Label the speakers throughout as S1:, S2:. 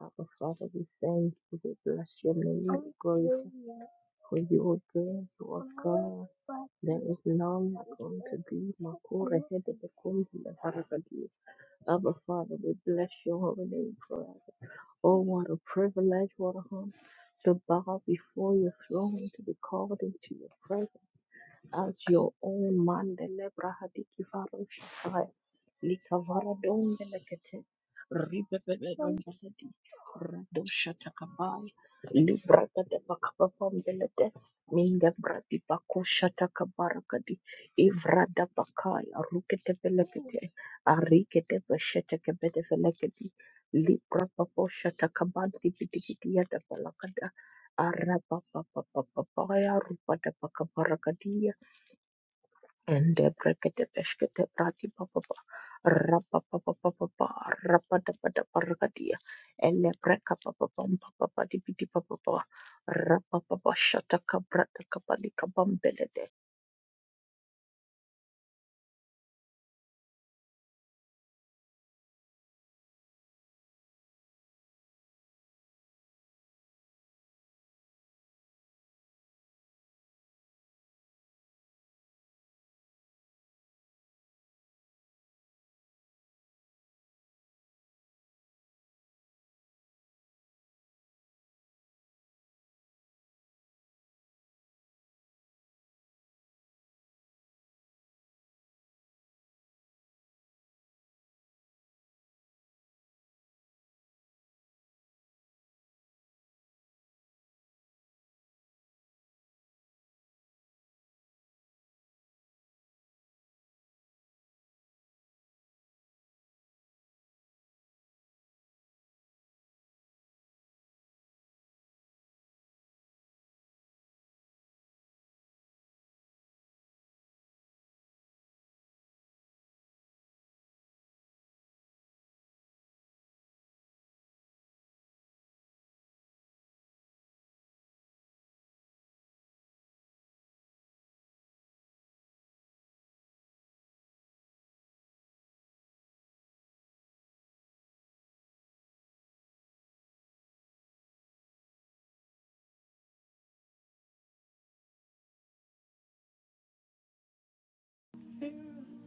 S1: Our Father, we thank you, we bless your name, we glorify for you are great, you are God. There is none going to be Makura head of the Kundi and Harakadi. Our Father, we bless your holy name forever. Oh, what a privilege, what a honor to bow before your throne, to be called into your presence as your own man the lebra hadiki faro shakai likavara don the lekete ribebebebebedi rado shatakabai libra kade bakapapam belede minga bradi bako shatakabarakadi ivrada bakai arukete belekete arikete besheteke bede belekedi libra papo shatakabadi bidibidi yada balakada araba papa papa papa ya rupa da baka Ende brekete peskete prati papapa rapa papa papa rapa dapa dapa rakadia ele breka papa pampa papa dipiti papa rapa papa shata kabra takapali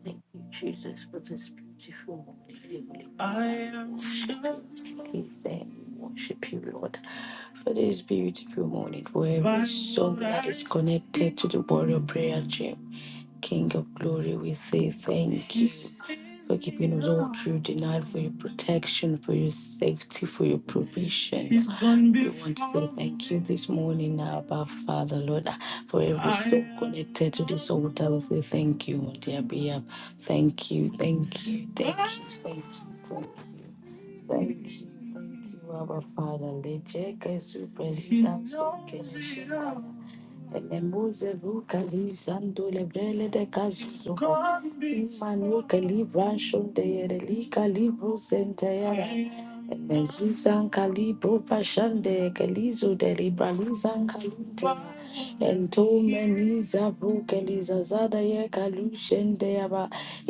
S2: Thank you, Jesus, for this beautiful morning. Heavenly I we am worship you. We loved thank we worship you, Lord, for this beautiful morning. For every soul what is connected to the Warrior Prayer Gym, King of Glory, we say thank You for keeping us all through the night, for your protection, for your safety, for your provision. We want to say thank you this morning, Abba Father, Lord, for every soul connected to this altar. We say thank you on their behalf. Thank you, thank you, thank you, thank you, thank you, thank you. Thank you, Abba Father. Lejeke su presita su Elemuze vuka lijando lebrele de kazuzo. Imanu ke libran shonde yere lika libro sente yara. Elezuzan kalibro pashande ke lizo de libra luzan kalute. Entomeniza vukeliza zada ye kalushende yaba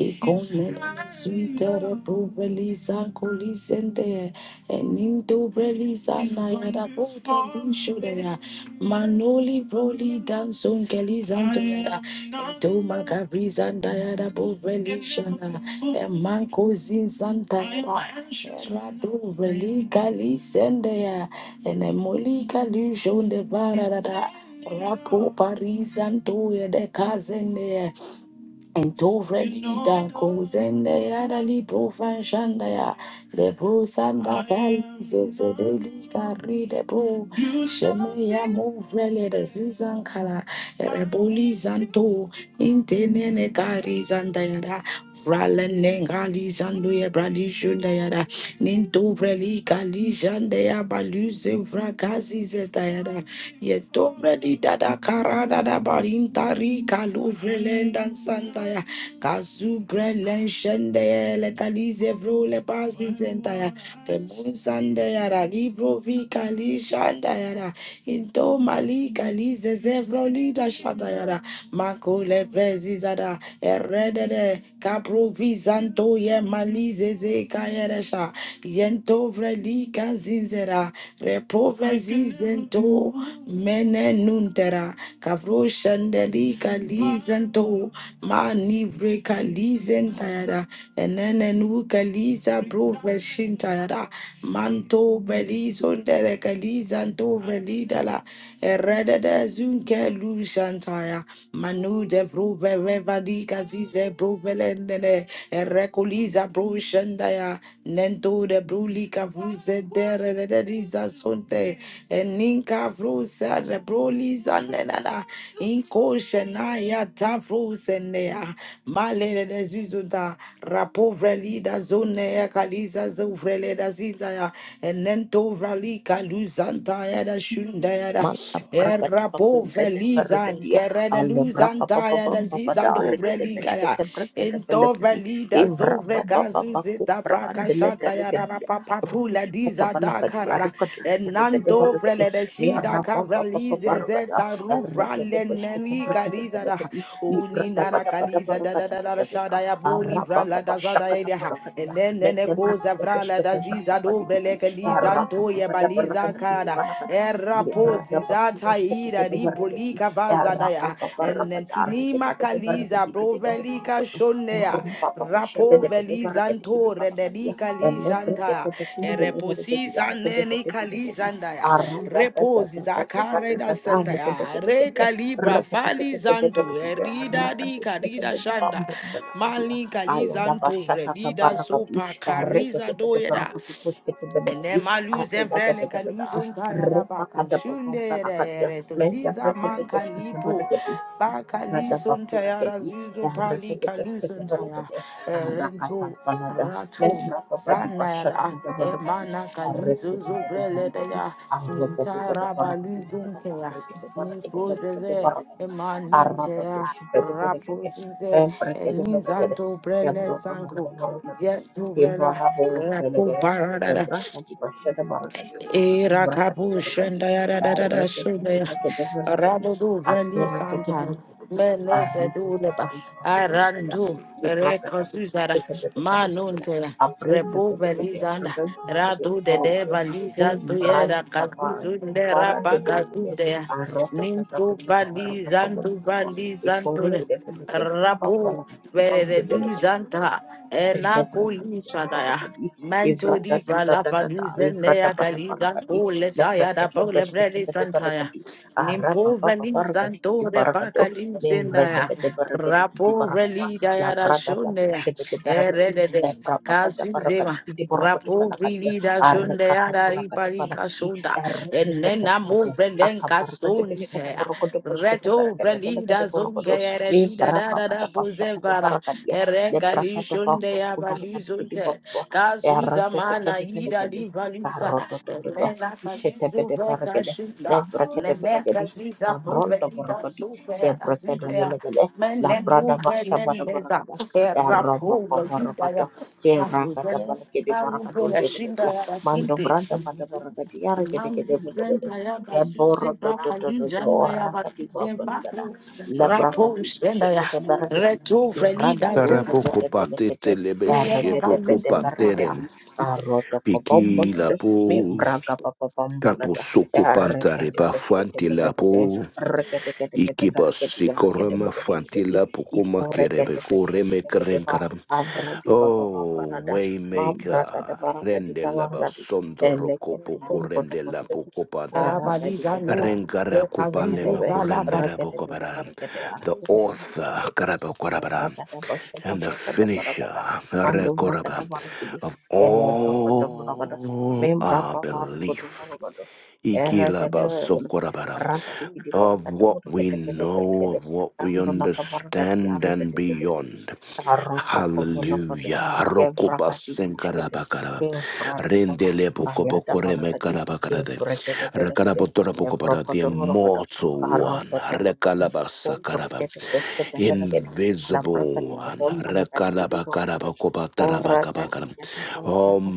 S2: ikomena suntere bubeliza kulisende enindo beliza na yada vukelishude ya manoli broli danson keliza ntoyada entoma kabriza ndayada bubelishana emanko zinzanta rado beli kalisende ya enemoli kalushonde varada Rapo parizanto the de kazende and to ready da kozende adali profanshanda ya pro sanda kalize deli kari de pro shene ya movele de zizan kala reboli zanto intene ne kari zanda ya da frale nengali zando ya ninto vreli kali jande ya baluze vrakazi zeta ya di dada kara dada barinta rika luvrelenda sandaya kazu brelen shendaya le kalize vro le pasi sentaya temun sandaya ra libro vi kali shandaya ra into mali kalize zevro lida shandaya ra mako le prezi zada erredede kapro vizanto ye malize ze kayere sha yento vreli kanzi zinzera, repova zizento, mene nuntera, kavro shanderi kalizento, mani vreka lizentera, enene nu kaliza brove shintera, manto belizondere kalizanto velidala, erede de zunke lushantaya, manu de vrove vevadi kazize brove lendene, liza bro shandaya nendo de brulika vuze dere de de liza sonte eninka vrusa de bro liza nenana inko shenaya ta vruse nea male de de zuzunda rapovre lida zone ya kaliza zuvre da ziza ya enento vralika luzanta ya da shunda ya da
S1: Manta prakata pakumpe
S2: errapovre
S1: de
S2: liza
S1: bergedia
S2: nkere de
S1: ale brapa
S2: luzanta
S1: papa
S2: zaya da
S1: pampa pada
S2: ziza dobre
S1: argede
S2: ligara.
S1: beskete brekete
S2: In dovre
S1: belekedi
S2: lida
S1: evra
S2: zovre
S1: baba
S2: gazu
S1: papa
S2: zeta
S1: kupra
S2: braka
S1: andele
S2: shata ya rara
S1: bergedia
S2: papa pula
S1: rush kata
S2: diza da
S1: balakadi
S2: karara.
S1: arkadush
S2: En
S1: kete
S2: nan
S1: bede
S2: dovre
S1: bergede
S2: le de
S1: mi
S2: shida
S1: rapa
S2: kabra
S1: papa papa
S2: lize
S1: rgada
S2: zeta rubra
S1: argede
S2: le
S1: beskete
S2: neri
S1: brekete
S2: kariza da.
S1: belekedi mi
S2: Uni
S1: brada
S2: nara
S1: pada pada
S2: kaliza da da
S1: bergada
S2: da
S1: tata
S2: da da
S1: tata
S2: shada ya boli
S1: arapa
S2: vra la
S1: papa
S2: da zada ya
S1: shakata
S2: da. ha. En
S1: bergedia
S2: nen nene
S1: mete
S2: koza
S1: brekete
S2: vra la da
S1: beskete brapa
S2: ziza
S1: pada
S2: dovre
S1: bidi
S2: le kaliza
S1: arapa
S2: nto
S1: papa
S2: ye
S1: pada
S2: baliza
S1: bergede
S2: karara.
S1: pada
S2: Errapo
S1: Livrada
S2: kozizata
S1: bakurus
S2: ira
S1: ketekede berkedi.
S2: ribolika
S1: Errata
S2: bazadaya
S1: paparapadari
S2: enentunima
S1: ketekede
S2: kaliza
S1: berkedi ketekede berkedi.
S2: provelika shonea
S1: Mahrum papa
S2: rapo
S1: persyakede kede berkedi
S2: velizanto
S1: kini palakadia.
S2: redelika
S1: Elle berkede
S2: lishanta
S1: bekini bele berkedi
S2: ereposisa
S1: dara kede
S2: neni
S1: bete berkedi.
S2: kalizandaya
S1: Aram da da da da da da da da da
S2: reposizakaredas
S1: da
S2: santa
S1: da kede
S2: ya
S1: kede
S2: re
S1: kede.
S2: kalibra
S1: Rekede
S2: fali
S1: kede bede
S2: zanto
S1: berkede.
S2: erida di
S1: Rakadus kede
S2: karida
S1: bede
S2: shanda
S1: bambu belakadia.
S2: mali kali
S1: Ayada
S2: zanto
S1: basyata
S2: vrelida
S1: kabarakadi.
S2: sopa kariza
S1: Errekede bede
S2: doyeda
S1: berkedi puskede bede
S2: and
S1: bede.
S2: then my lose
S1: Atu
S2: and
S1: da da da
S2: vrele
S1: da da da.
S2: kaduzun tayada baka
S1: Repakada pakantan
S2: shunde
S1: akadia
S2: re to
S1: menta
S2: ziza manka
S1: preketes
S2: lipo
S1: ketebareketi
S2: baka
S1: ikarada
S2: lizun tayara
S1: bakureketi
S2: zuzu pali
S1: erreketes
S2: kaluzun taya
S1: ketebareketi arakatan
S2: rento
S1: panada
S2: rato
S1: menta papadi
S2: zana
S1: pasyata
S2: yada e
S1: ketebareketi
S2: mana kaluzo
S1: arreketi
S2: zo vrele
S1: ketebareketi
S2: daya
S1: arrobotu pada
S2: nintara
S1: barakati
S2: baluzun
S1: barakata
S2: kaya
S1: arreketi
S2: ni
S1: barakati barakati
S2: frozeze e
S1: barakati
S2: manunte
S1: arrabatu
S2: ya
S1: shibete
S2: rapo
S1: bereketi
S2: zize e
S1: empreketi bereketi
S2: ninzanto brele
S1: kebroto
S2: zango
S1: mokomoreketi
S2: yetu vrela
S1: kebarabo
S2: rapo
S1: bereketi
S2: barada
S1: kebrata di pasyata barakati kita kita pun
S2: Irakabu shenda
S1: di berangkat berkedis,
S2: ya da da da
S1: kecil
S2: da shenda ya.
S1: berkedis
S2: Rado do vendi santa. Meneze do leba. Arandu rekosuzara.
S1: dia,
S2: Manunte.
S1: april
S2: Repo velizanda. Rado de de valiza tu yera kazuzunde rapa kazude ya. Nintu valizantu valizantu de. Rapo vere de
S1: Arroz,
S2: duzanta.
S1: Zebra kadi
S2: Enakuli
S1: kebara
S2: sadaya.
S1: kadi evrada
S2: Mentodi
S1: tata
S2: brala
S1: tata ta
S2: paduzen lea
S1: evrada bata para
S2: kalida
S1: kadi
S2: pole
S1: lepra
S2: taya da
S1: kece
S2: pole
S1: bes kece
S2: bredi
S1: bete para
S2: santaya.
S1: kadi ara
S2: Nimpo
S1: papa papa
S2: veli
S1: ra kadi kiti
S2: santo de
S1: para kado
S2: pakalim
S1: nembre da
S2: zendaya.
S1: bete para kadi kiti
S2: Rapo
S1: para kada
S2: veli daya da
S1: lavra da tata
S2: shonea.
S1: shebe de para kadi
S2: Erede de
S1: epra papa da para
S2: kazuzema.
S1: kadi kiti para kote
S2: Rapo
S1: para kadi
S2: vidi da
S1: ara
S2: zunde
S1: kaka
S2: ara
S1: pura kada
S2: ripari
S1: para kadi
S2: kasunda
S1: ara kete kete
S2: enena mo
S1: kete
S2: brelenka
S1: akapar kade bele kete
S2: sunte
S1: para kote pos kete para
S2: reto
S1: kade bele kete
S2: brelida
S1: para
S2: zunge
S1: kote
S2: ere lida
S1: Libra
S2: da da
S1: papa
S2: da
S1: da pasha kada
S2: bozevara
S1: para kadi
S2: ere
S1: Nebrakata
S2: kalishunde
S1: bako
S2: ya
S1: kubarakan kidi
S2: balizunte
S1: bobo.
S2: kazuza
S1: Erapete
S2: mana
S1: kede pele
S2: ida
S1: kedi.
S2: di valusa
S1: Karoto to to to.
S2: enena
S1: Ishete
S2: kazuza
S1: pede fara
S2: veka
S1: kede.
S2: shunda
S1: Nebrakete pele
S2: nene
S1: kedi.
S2: kazuza
S1: Kabronto
S2: provelida
S1: borokodi.
S2: sunte ara
S1: Nebrakete pele
S2: sunte
S1: kede.
S2: mene
S1: Labrada
S2: nu
S1: basha bara bara
S2: venendeza
S1: kada.
S2: rapo
S1: Eraboko
S2: vidi da
S1: borokodo.
S2: ya
S1: Kera kada
S2: kazuza
S1: pele kedi
S2: Karubo
S1: borakadun dele kedi
S2: Rashinda
S1: ya. Mando
S2: Yarakinte,
S1: branda pada borakadi. Yara kede kede
S2: Mandi
S1: pele kede.
S2: Senda
S1: Eboro
S2: Yabasuze,
S1: to to
S2: Rapa
S1: to to to.
S2: Linjanda
S1: Ora kadi
S2: Yabasuze,
S1: bobo nagada.
S2: Bapu,
S1: Labrakati.
S2: Rapo Senda Ya,
S1: Shete
S2: Reto
S1: Iranda
S2: Frelida
S1: doshe
S2: Zena,
S3: Tarapoco
S1: kete belekete
S3: patete lebeshe
S2: Yaraba
S1: barekete
S3: poco
S1: bete
S2: Yuzu Tara,
S1: bareketi
S3: panteren.
S1: aroto
S3: Piki la
S1: kobombolodo mi
S3: po.
S1: braga papa
S3: Capo
S1: pambalada
S3: soco pantare
S1: erekete
S3: pa
S1: beshkete
S3: fanti la
S1: belekete
S3: po.
S1: rekete kete ere kete kete bete
S3: Ikiba
S1: bareketi yarekete
S3: sikorama
S1: bete
S3: fanti
S1: beleketi
S3: la pokuma kerebe
S1: ifurekete
S3: koreme
S1: beshkete bete ba
S3: kerenkaram.
S1: avradi papa
S3: Oh,
S1: pambalada
S3: Waymaker,
S1: mambraka da barakati
S3: rende la
S1: kawargadi
S3: basondo
S1: elekete
S3: rocopo
S1: korukoto
S3: corrende la
S1: koshkete
S3: pocopata.
S2: Yaraba
S1: aragadi kete kuru kota kete
S2: Liga
S1: para kete kete
S2: No,
S3: Rengara
S1: Rekede
S2: Rekazuzu
S3: kupalema
S2: Dalaba,
S3: kurendera bokobara. The author karabokorabara, and the finisher rekoraba, of all our belief. Ikilabasokorabaram. of what we know, of what we understand, and beyond. Hallelujah. Rokobasenkarabakara. Rendelebokobokoremekarabakara.
S1: bene kede, ya
S3: Rekarabotorabokoboda, The
S1: prokoto moro
S3: immortal
S1: karo
S3: one.
S1: tuh tuh tuh kuda pover
S3: Rekalabasakaraba.
S1: kita terus kedap lagi di laporan di
S3: Invisible one.
S1: bawah karena tadi jadi orang udah kora
S3: Rekalabakarabakobatarabakabakaram.
S1: tadinya sampai lancar pas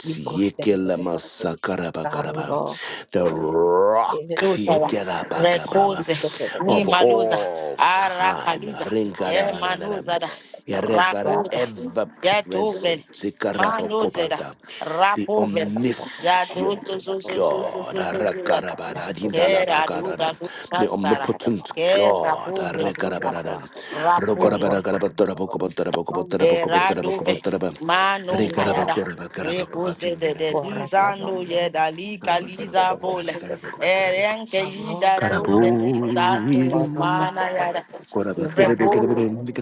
S1: di proses terbentuk lagi di
S3: Yekelamasakarabakarabaram.
S1: karos
S3: The
S1: sudah kita
S3: rock.
S1: ini seperti ada di di
S3: Yekerabakababa.
S2: Rakosa,
S1: sini ada
S2: ni
S3: Of
S1: tajamnya dengan
S2: maluza,
S3: all
S2: ara
S3: time.
S2: kaluza, e
S3: Rinkarabanaram.
S2: manuza da,
S1: pover tapi
S3: yarekara
S2: rakosa,
S1: pelarangan
S3: ever
S2: e tovel,
S3: present.
S2: manuza da,
S3: Sikarabakobata the
S2: rapovel,
S1: siapa tadi
S2: ya
S1: kalau
S2: to
S3: omniscient
S2: to
S1: tadi
S2: to
S1: datang
S2: to
S1: hala nana
S2: to
S3: God.
S2: to to to da,
S1: Dan sudah
S2: ke
S1: jadi begitu.
S3: Arakarabaradindalabakarada
S2: rauda,
S3: the
S1: Memang
S2: kanzara,
S1: ada
S3: omnipotent
S1: orang sudah
S2: ke
S3: God.
S2: rapovel,
S1: lakukan
S2: kanzara,
S1: beberapa jenis
S3: Arekarabarara.
S2: rapu ya.
S1: jebor pada mulu kado memberikan emosi
S2: Eradove
S1: kepada
S3: Rokorabaragarabatarabokobotarabokobotarabokobotarabokobotarabokobotarabokobotaraba.
S1: kita.
S2: Manon
S1: Ibu
S2: Kayada.
S1: ada beberapa kado
S2: Repose de de
S1: borak
S2: Duzando
S1: dalam
S3: Rekarabakurabakarabakobakinderabokobotarabokobotarabokobo.
S1: jadinya.
S2: Yedali Kaliza
S1: Lemperkede
S2: Bola.
S1: bersih dalam jadinya.
S3: Karabakarabakarabakobotarabokobotarabo.
S2: Erenke
S1: Kamu
S2: Yida
S1: boleh mau
S2: Zobe Santo
S1: borotak
S3: Karabu.
S2: Mana
S1: kau boleh.
S2: Yada.
S1: Ibu
S3: Here we
S1: akan
S2: Repose.
S1: ada di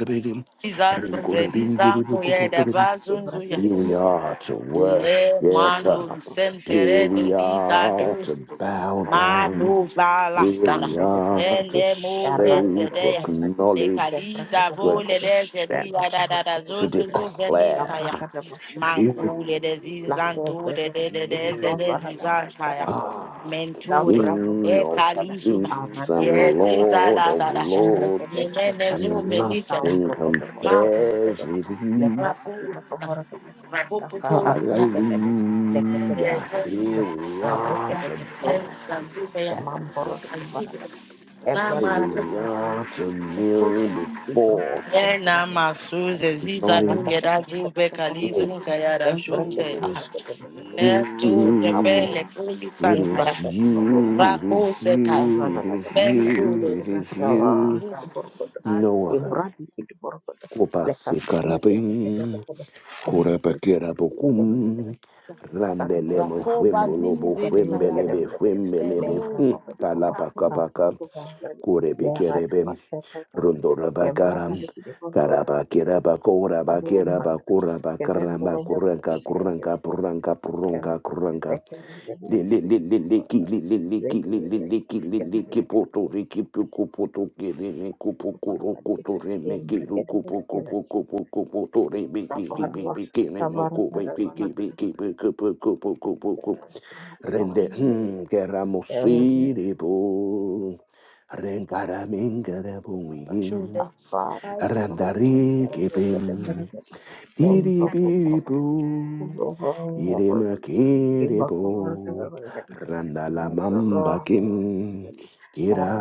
S2: Zando Fredisa
S1: mana.
S2: Koyeda
S1: Di mana
S2: Bazunzuya.
S1: kita miliknya.
S3: are to
S2: Le
S3: worship.
S2: manu
S1: Rasakan bersih pada
S3: Here
S2: sentere
S3: we
S2: de
S1: barang kita.
S2: lisa
S3: are
S2: dus.
S3: to
S1: Kembaranmu
S3: bow
S1: kau orangnya.
S3: down.
S2: Manu
S3: Here
S2: valasana.
S3: we
S1: Nandele
S3: are
S1: targedi,
S3: to
S2: Ele mo le
S1: errata
S3: say, to
S2: zedeya.
S1: bakurgadi,
S2: Le
S3: acknowledge,
S2: kadiza
S1: kemprakada
S3: to
S2: vo le
S1: balakada,
S2: de zedia
S1: damraka
S2: da
S3: accept,
S2: da da
S1: harkada
S2: zo
S3: to
S2: zo
S1: barakada,
S2: zo velita ya.
S3: declare.
S1: damrakada mashakada
S2: Manku le
S1: barakada,
S2: de
S3: You,
S1: lako
S2: zinzanto de
S1: bere,
S2: de de de de
S1: vikaba
S2: de
S3: you.
S1: barada,
S2: zinzanta ya.
S1: arkada barada,
S3: Ah,
S2: Menture.
S1: dambraba
S3: King
S1: bala
S2: E
S3: of
S1: barakada,
S2: kalizuba.
S3: kings
S1: arata
S3: and
S1: bata
S2: Yete
S3: Lord
S1: barakadi,
S2: zala
S3: of
S2: da da.
S1: errakada
S3: lords,
S2: Ne
S1: bada
S2: ne ne zo
S3: and
S1: balakadi,
S2: melita da
S3: nothing
S1: dambrabada
S2: ma
S1: mashakada
S3: compares
S1: balakadi,
S3: with you.
S1: leprakati
S2: raposa,
S1: makabarakada, takakakin
S2: rapopoposa,
S1: kelede, lekete
S3: Hallelujah.
S1: barakadi,
S3: Here
S1: ya,
S3: we are
S2: raposa,
S3: to
S1: arrekada
S3: bow
S2: raposa,
S1: Mamboro do
S3: down.
S1: Kubaragada,
S3: Here
S2: Nama
S1: Ebrakari
S3: we
S1: Buruku,
S3: are to kneel
S1: Bibrata
S3: before
S1: de
S2: Eh,
S1: Buruku,
S2: nama
S3: and
S2: suze ziza tunge
S1: Rakata
S3: acknowledge
S1: de
S2: dazu
S1: Shakata
S2: bekali
S1: Burakadi,
S2: zunga
S3: it.
S2: ya
S1: then Braka de
S2: rashunge
S3: is
S1: Muraka de
S2: ne tu
S1: Burakadi,
S3: you.
S2: gepele
S1: Apu,
S2: kuli
S3: It
S2: santaya
S3: is
S1: Embraka de Bobo
S3: you. It
S2: rako
S1: Maradas,
S3: is
S2: sekai
S3: you.
S1: Ragada
S3: It is
S1: de Burakada,
S3: you. It
S2: mendude
S3: is
S1: Rakawa,
S3: you.
S1: Burukuda,
S3: No other.
S1: Ibrati de Burukuda,
S3: Kopase
S1: Lekapi,
S3: karabin,
S1: Tekata,
S3: koraba
S1: Amrita,
S3: kerabokum,
S1: Aduh,
S3: randele
S1: putih
S3: mo
S2: Rako
S1: banget
S3: fwembo
S1: tadi.
S2: bazin
S3: lobo
S1: Kita
S2: Zizi
S1: mulu,
S2: Sayada.
S1: kita
S3: fwembelebe
S1: mulu, kita
S3: fwembelebe,
S1: lempar
S2: Leno
S1: apa di bawah.
S2: Rako
S1: Aku
S3: kalapa
S1: tuh bahkan lewat
S3: Kurebekerebe,
S1: tempat setan kota. Yang mana
S3: Rundorabakaram,
S1: tadi kita pun kota.
S3: Karabakirabakora,
S1: Aku umpan kata.
S3: Bakirabakura,
S1: Kita yang
S3: Bakaramba,
S1: boleh jalan
S3: Kuranka,
S1: kita mulu, kita
S3: Kuranka, Puranka,
S1: mulu.
S3: Purunka, Kuranka,
S1: Leksan kita di di di di
S3: Liliki, Liliki,
S1: Lagi
S3: Liliki,
S1: kita
S3: Liliki,
S1: mulu
S3: Poto, Riki, Puku, Poto, Kirime, Kupu,
S1: kita perlu
S3: Kuru,
S1: tadi.
S3: Kutu, Reme,
S1: Yang mereka
S3: Kiru,
S1: itu
S3: Kupu,
S1: kita
S3: Kupu, Kupu, Kupu, Tori, Biki,
S1: sabar
S3: Biki,
S1: lah,
S3: Biki, Remo,
S1: sabar
S3: Kubi,
S1: kita
S3: Biki,
S1: mana kita.
S3: Biki, Kupu, Kupu, Kupu, Kupu,
S1: mulai
S3: Rende,
S1: Kita mulu
S3: hmm,
S1: kita mulu.
S3: Keramusiri,
S1: Ya berada pasha berada. Ya berada berada. Ya berada berada. Ya
S3: Renkaramingarabungin.
S2: Shude. Kazi Oba Seto.
S3: Randarikipim. Diribibu. Irimakiribu. Randalamambakim. Kira.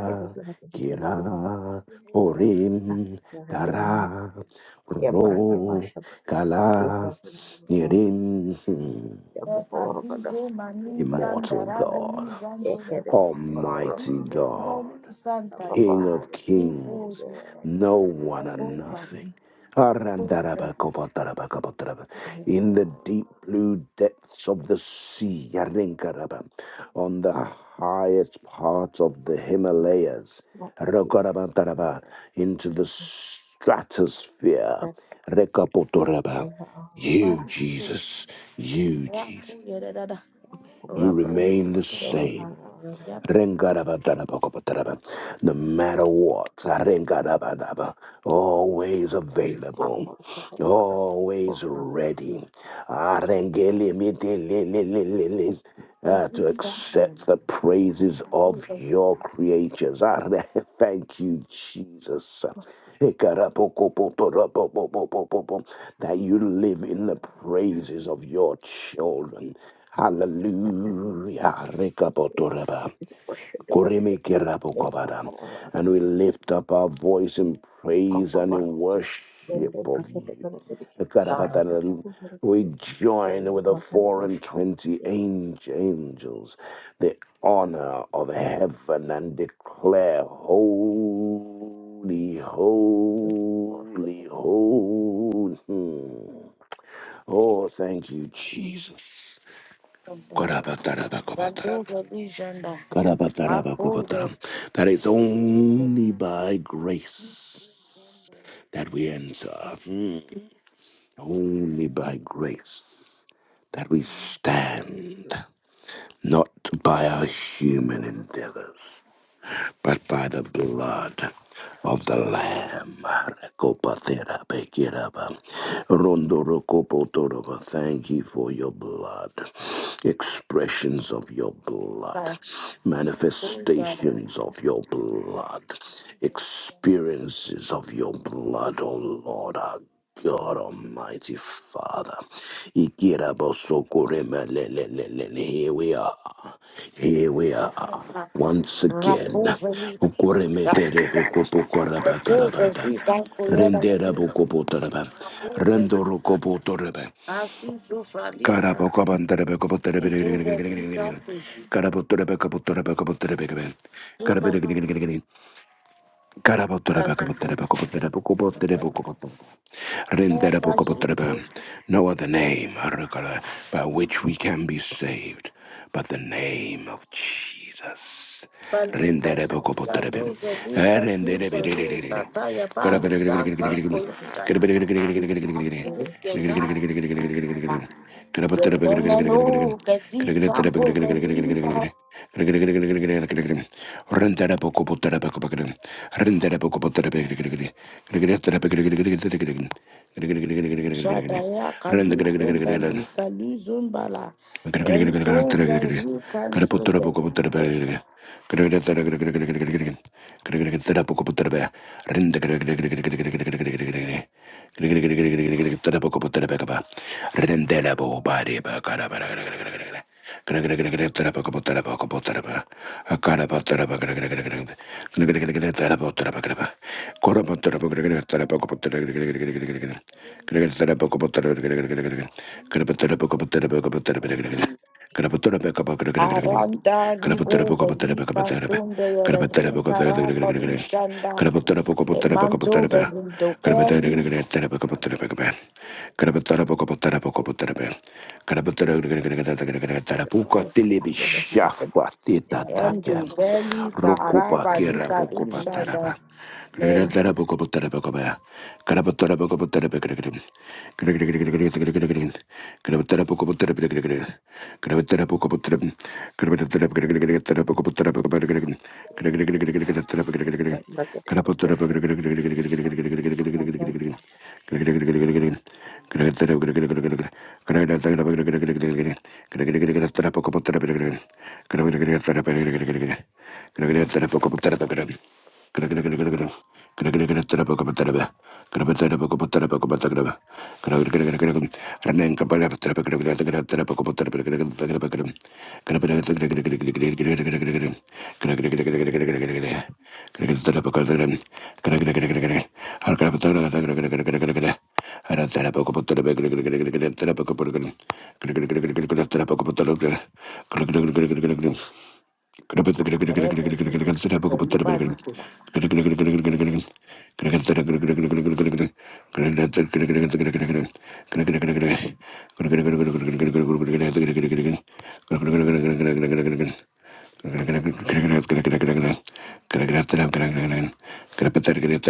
S3: Kira. Orim. Tara. Ro. Kala. Nirim.
S1: berada berada.
S2: Kazizo Mani
S3: Immortal God.
S2: Shandaraboli
S1: Ya kada
S2: Zantuleba.
S1: berada
S3: Almighty
S1: berada.
S2: Kazizo
S3: God.
S2: Zali
S1: Tanpa
S2: Santaya.
S3: King
S1: berada.
S3: of
S2: Nifo
S3: kings,
S2: Ziza.
S3: no one and
S2: Lebova.
S3: nothing.
S2: Kunze.
S3: Arandarabakobotarabakobotaraba. In the
S1: Ya
S3: deep blue depths of the sea, Yarinkaraba. on the highest parts of the Himalayas,
S1: Not Thank
S3: Rokarabataraba. into the stratosphere, Rekapotoraba. you,
S2: Manito.
S3: Jesus, you, Jesus,
S2: Raku Yedada.
S3: you
S2: Rapo
S3: remain the
S2: Sisa.
S3: same.
S2: Yap.
S3: Rengarabadarabakopataraba. No matter what, rengarabadaba. always available, always ready Arengelimitililililili. Uh, to
S2: Kazizo
S3: accept the praises of your creatures. Are- Thank you, Jesus. Ekarapokopotorapopopopopo. That you live in the praises of your children. Hallelujah. Rekabotoraba. Kurimikerabokobara. And we lift up our voice in praise and in worship of you. Karabata. We join with the four and twenty ange- angels, the honor of heaven, and declare, Holy, holy, holy. Hmm. Oh, thank you, Jesus.
S2: Zantaya.
S3: Korabatarabakobata.
S2: Rando Zali Janda. Rapo Zali.
S3: Karabatarabakobatara. That it's only by grace that we enter. Mm. Only by grace that we stand, not by our human endeavors. but by the blood of the Lamb. Rekopatera pekiraba. Rondorokopotoroba. Thank you for your blood, expressions of your blood,
S2: Rapovelida,
S3: manifestations of your blood, experiences of your blood, O Lord our God Almighty Father. Here we are. Here we are once again.
S2: Raposa
S3: Ukuremetere bukupukorabakarabata.
S2: Zizan Coyota,
S3: Rendera bukuputaraba.
S2: Raposa
S3: Rendorukoputaraba.
S2: Asuso Fralisa, into the
S3: Karabokobantarabakobatarebere.
S2: example,
S3: Karabotorebekabotorebekabotorebekabe.
S2: Duma
S3: Karabere. No other
S2: Pasus, Pasusu,
S3: name by which we can be saved but the name of Jesus.
S2: Palucas, Sadu, Lucas, Sadu, Sataya, Palu, Samba,
S1: you.
S2: Politaya,
S1: I'm
S3: Renta
S2: Desire. The woman who can see some
S3: da pouco, pauta da pouco, pauta. Renta da pouco, pauta da pouco,
S2: Shadaya
S3: pauta.
S2: Kaluzumbali Kaluzumbala
S3: Rendela
S2: Entova we cancel the windows.
S3: bo bari ba kara bara Guna guna guna guna tarapaku pata rapaku pata rapa akara pata rapa guna guna guna guna guna guna guna guna tarapaku pata rapa guna guna guna guna guna guna guna guna pata rapaku pata rapa guna guna guna guna guna guna guna guna guna pata rapaku pata rapa guna guna guna guna guna guna guna guna
S2: Aranda
S3: guna pata
S2: Ribo
S3: rapaku pata rapa
S2: Vali
S3: guna guna
S2: Kansunda Yarazin
S3: guna guna guna guna guna guna
S2: Karapali Shanda
S3: guna pata rapaku pata rapa guna guna guna guna guna guna guna guna guna pata rapaku
S2: the
S3: pata rapa guna guna guna guna guna guna guna guna guna Rokupa
S2: Velindo Kelis and Duveli Garaba Dukadu Shanda Men
S1: not
S3: Gracias. Gracias. Can I
S2: Representative Ribalu
S3: get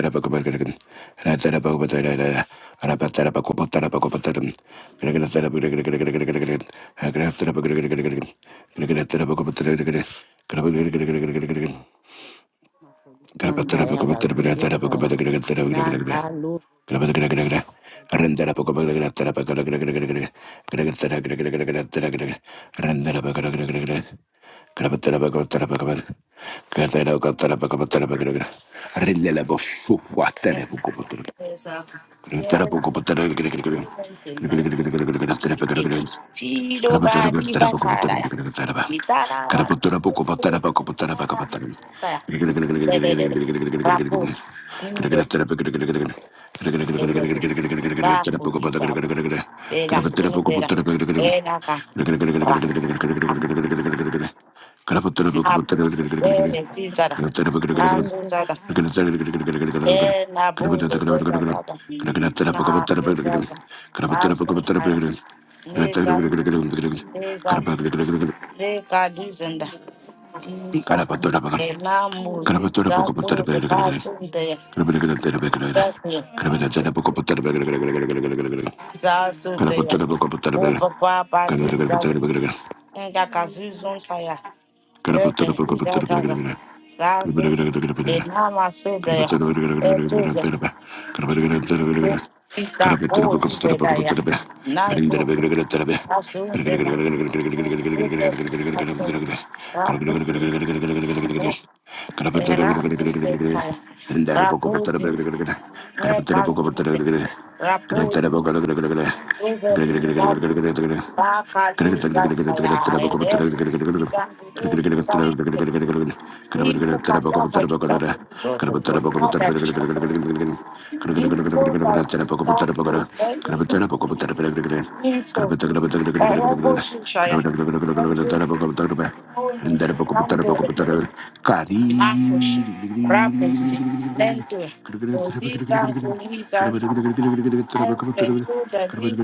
S3: up? Rendela
S2: Shanda Yabazidun Nanka Lu Yes, yes, sir.
S3: Thank
S2: Yes,
S3: you. Can I
S2: Tiro
S3: put that
S2: bani basara. Mitara bani. Rapos. Inde. Eleza. Bapu isa. Bela. Indera. Ena kas. Rakam. Nabu. Bele zizara. Azuzada. Ena bunde. Zezada. Na. Zezada. Azuzada.
S3: up? Thank
S2: Nega. Neza. Nega duzenda. Elamu zipzato basunde sete zasute upa kwa baziza nga kazuzo ntaya ete zizataza zazuza elama sude
S3: Gracias.
S2: etuza zika kuchedaya nanzu asunzema zute rapu rapu rapu sentaya rapu sin Repasinte, Rapodi, Evelisa,
S3: Kari
S2: Bacaduza, Ayaere, Igansuza, Nibuza, Aita, Jodo, Nada, Info, Santo, Elisa, Inso, Robo, Shaya, Andrew, Rambo, Marcos, Rapes, Lento, Oziza, Thank you, David.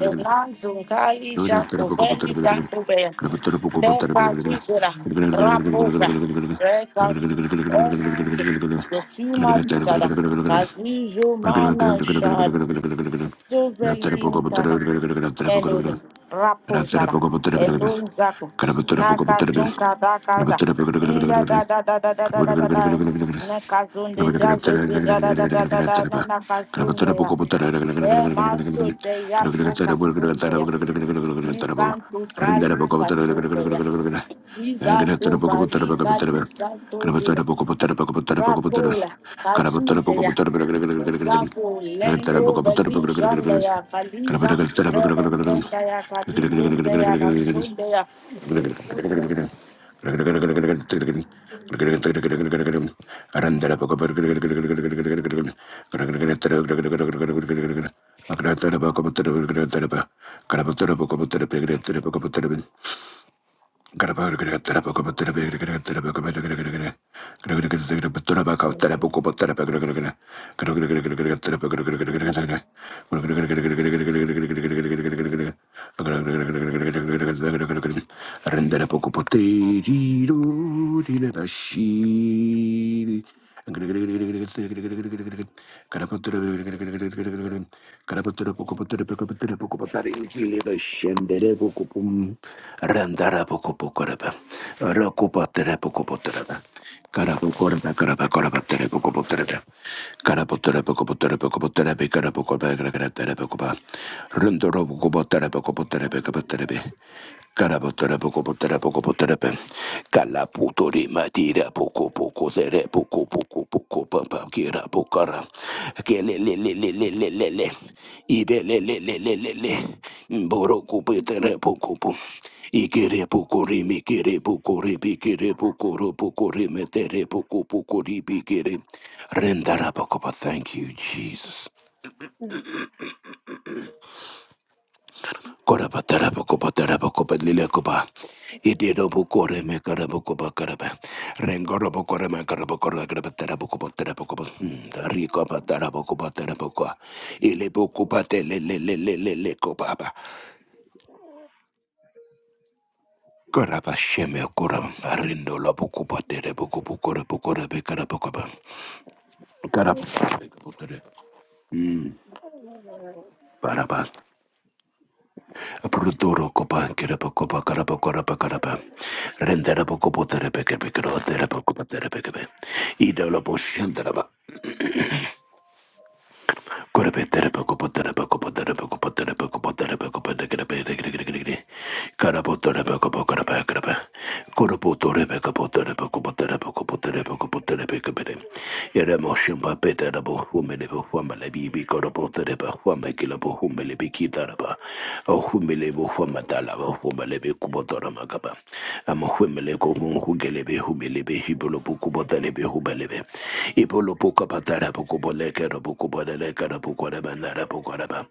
S2: Eblan Zungali Shakoveli Santube, De Pazuzera, Rapova, Rekas, the Tuma Tada, Kazuzo Mana Shad, Zovelinkana Menoni Raposara Elon Zaku Naka Junka Dakada Ninga da da da da da da da da da
S3: Gracias.
S2: Nakazunde Jagazi da da da da da da na- Nakasunde ya É masodeia focasundeia, insanto bralucasundeia, isato barica, dura. Rapola, Kazuzeya, Zavo, Lendo, Velishandaya, Kaliza, Revenzendaya, Katizundaya,
S3: Gracias.
S2: Bashundaya,
S3: Gracias. Rendere poco poterino di nebashi. Karapotara poco poco poco poco poco poco poco poco, poco tere poco, poco poco matira papa kira pokara. Kele le le le le le le le Ibe le le le le le le ibe rimi kere poco ribi kere poco ro poco rimetere poco poco ribi Ibelelelelelele. rendara poco Rendarapokoppa. Thank you, Jesus. Koraba taraba koba taraba koba lila koba. Idirobo kore me karabo koba karaba. Rengorobo kore me karabo kore karaba tarabo koba tarabo koba. Dari koba tarabo koba tarabo koba. Ilebo koba te le le le le le le koba ba. Koraba sheme koram. Arindo lobo koba terebo koba kore koba be karabo koba. Karaba. Mm. Baraba. Pruduro copa, kerapa copa, carapa, carapa, carapa. Renderapa copo terepekepe, cro terepa copa terepekebe. Idolopo shenderaba. Humilebe, Hibolo Pukubotalebe, Humelebe, Ibolo Pukabatara Karabukubadele Karabukwadabandarabukwadabam.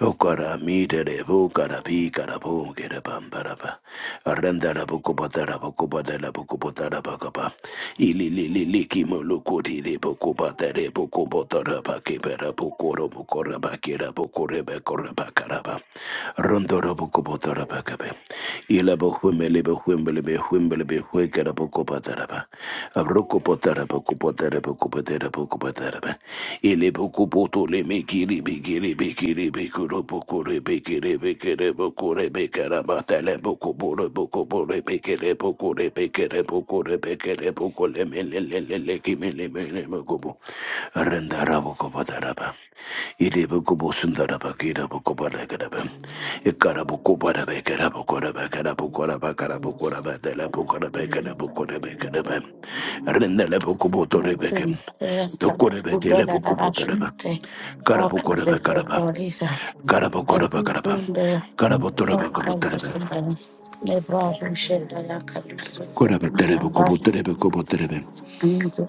S3: Ukara mitere bukara pikara bungere bambaraba. Arandara bukupatara bukupatara bukupatara bakapa. Ili li li li kimo lukuti de bukupatere bukupatara bakipera bukuro bukura bakira bukure bekura bakaraba. Rondoro bukupatara bakabe. Ila bukwimele bukwimele bukwimele bukwikara bukupatara ba. Rukupatara bukupatara bukupatara taraba. Ele boku mekiri bekiri bekiri bekuru bokure bekiri bekiri bokure bekara batale boku bore boku bore bekiri bokure bekiri bokure bekiri bokule mele kimele mele bokubu. Rendara boku bataraba. Ele bosundara bakira boku barakaraba. Ekara boku barabekara bokura bakara bokura bakara bokura batala bokura bekara bokura bekara Rendele boku boto rebeke.
S2: Yes,
S3: Yokorebe delebo
S2: Kabula,
S3: kubotereba.
S2: Darashunte,
S3: Karabo korebe
S2: Rakuzes,
S3: karaba.
S2: Borisa,
S3: Karabo
S2: I
S3: koraba
S2: think
S3: karaba.
S2: there,
S3: Karabo
S2: no
S3: toraba kuboterebe.
S2: Kazunda, Nebra, Shendaya,
S3: Koraba
S2: Kalisunze,
S3: terebo
S2: Ambar,
S3: kuboterebe kuboterebe.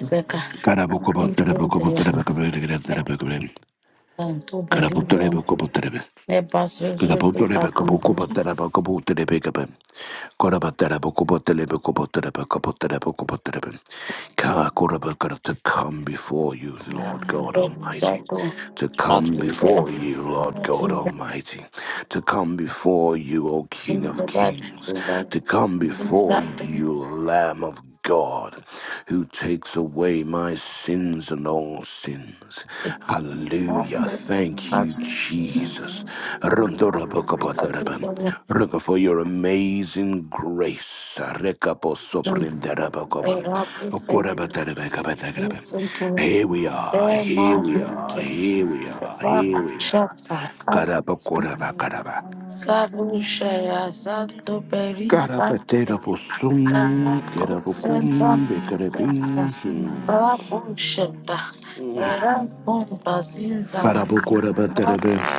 S2: Becker,
S3: Karabo kuboterebe kuboterebe
S2: Ninjundaya.
S3: kuboterebe kuboterebe.
S2: Santo
S3: Karabo terebo
S2: Balibanto,
S3: kuboterebe.
S2: Nebasoso, Nebasanto,
S3: Kanabotorebe-kabokoboterebe-kaboterebe-kabe. Korabaterebe-koboterebe-koboterebe-koboterebe-koboterebe. Kakoraba to come before you, Lord God Almighty.
S2: Nebasato,
S3: To come
S2: Matusela,
S3: before you, Lord God
S2: Nesuda,
S3: Almighty. To come before you, O King of Kings.
S2: Nebadula,
S3: To come before
S2: Nebato,
S3: you, Lamb of God, who takes away my sins and all sins.
S2: Santo,
S3: Hallelujah. Thank you,
S2: Caso,
S3: Jesus. Rondorabakabadarabam.
S2: Caso,
S3: Looking for your amazing grace. Arekaposoprindarabakoba.
S2: Erabusin,
S3: Okorabadarabakabadarabam.
S2: Nesunto,
S3: Here we are, here we are,
S2: Bemazute,
S3: here we are, here we are.
S2: Bakashata, Caso,
S3: Karaba koraba
S2: Sabushaya, Santo peri, Santo Consenta,
S3: kerabokum,
S2: consenta,
S3: bekarabing.
S2: rabushenda, rabumba zinzana,
S3: Karabo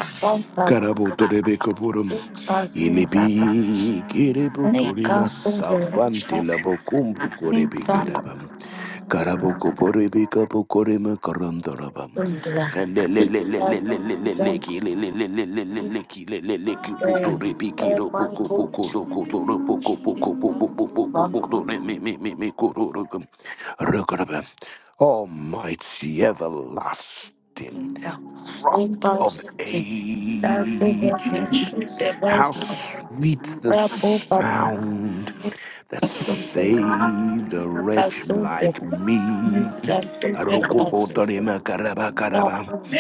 S2: rabumba,
S3: Karabotorebekapurum.
S2: rabumba zinzana,
S3: Ilibi kiributurima safante
S2: nikansungurusha,
S3: labokumbu
S2: ninsana,
S3: korebekerabam. Karabokoporebekapokorema karandarabam.
S2: undla, nisana, zinzana, eh, eh, bankuchi, bankuta,
S3: Almighty everlasting. Rock of
S2: impasuti, tansi, bate,
S3: ages,
S2: shute,
S3: how
S2: basu,
S3: sweet the
S2: rabu,
S3: sound, that
S2: baba,
S3: saved a wretch
S2: Kasuze,
S3: like me.
S2: Nisa Tube Kasuze,
S3: Arokobotaremakaraba-karaba.
S2: Rabu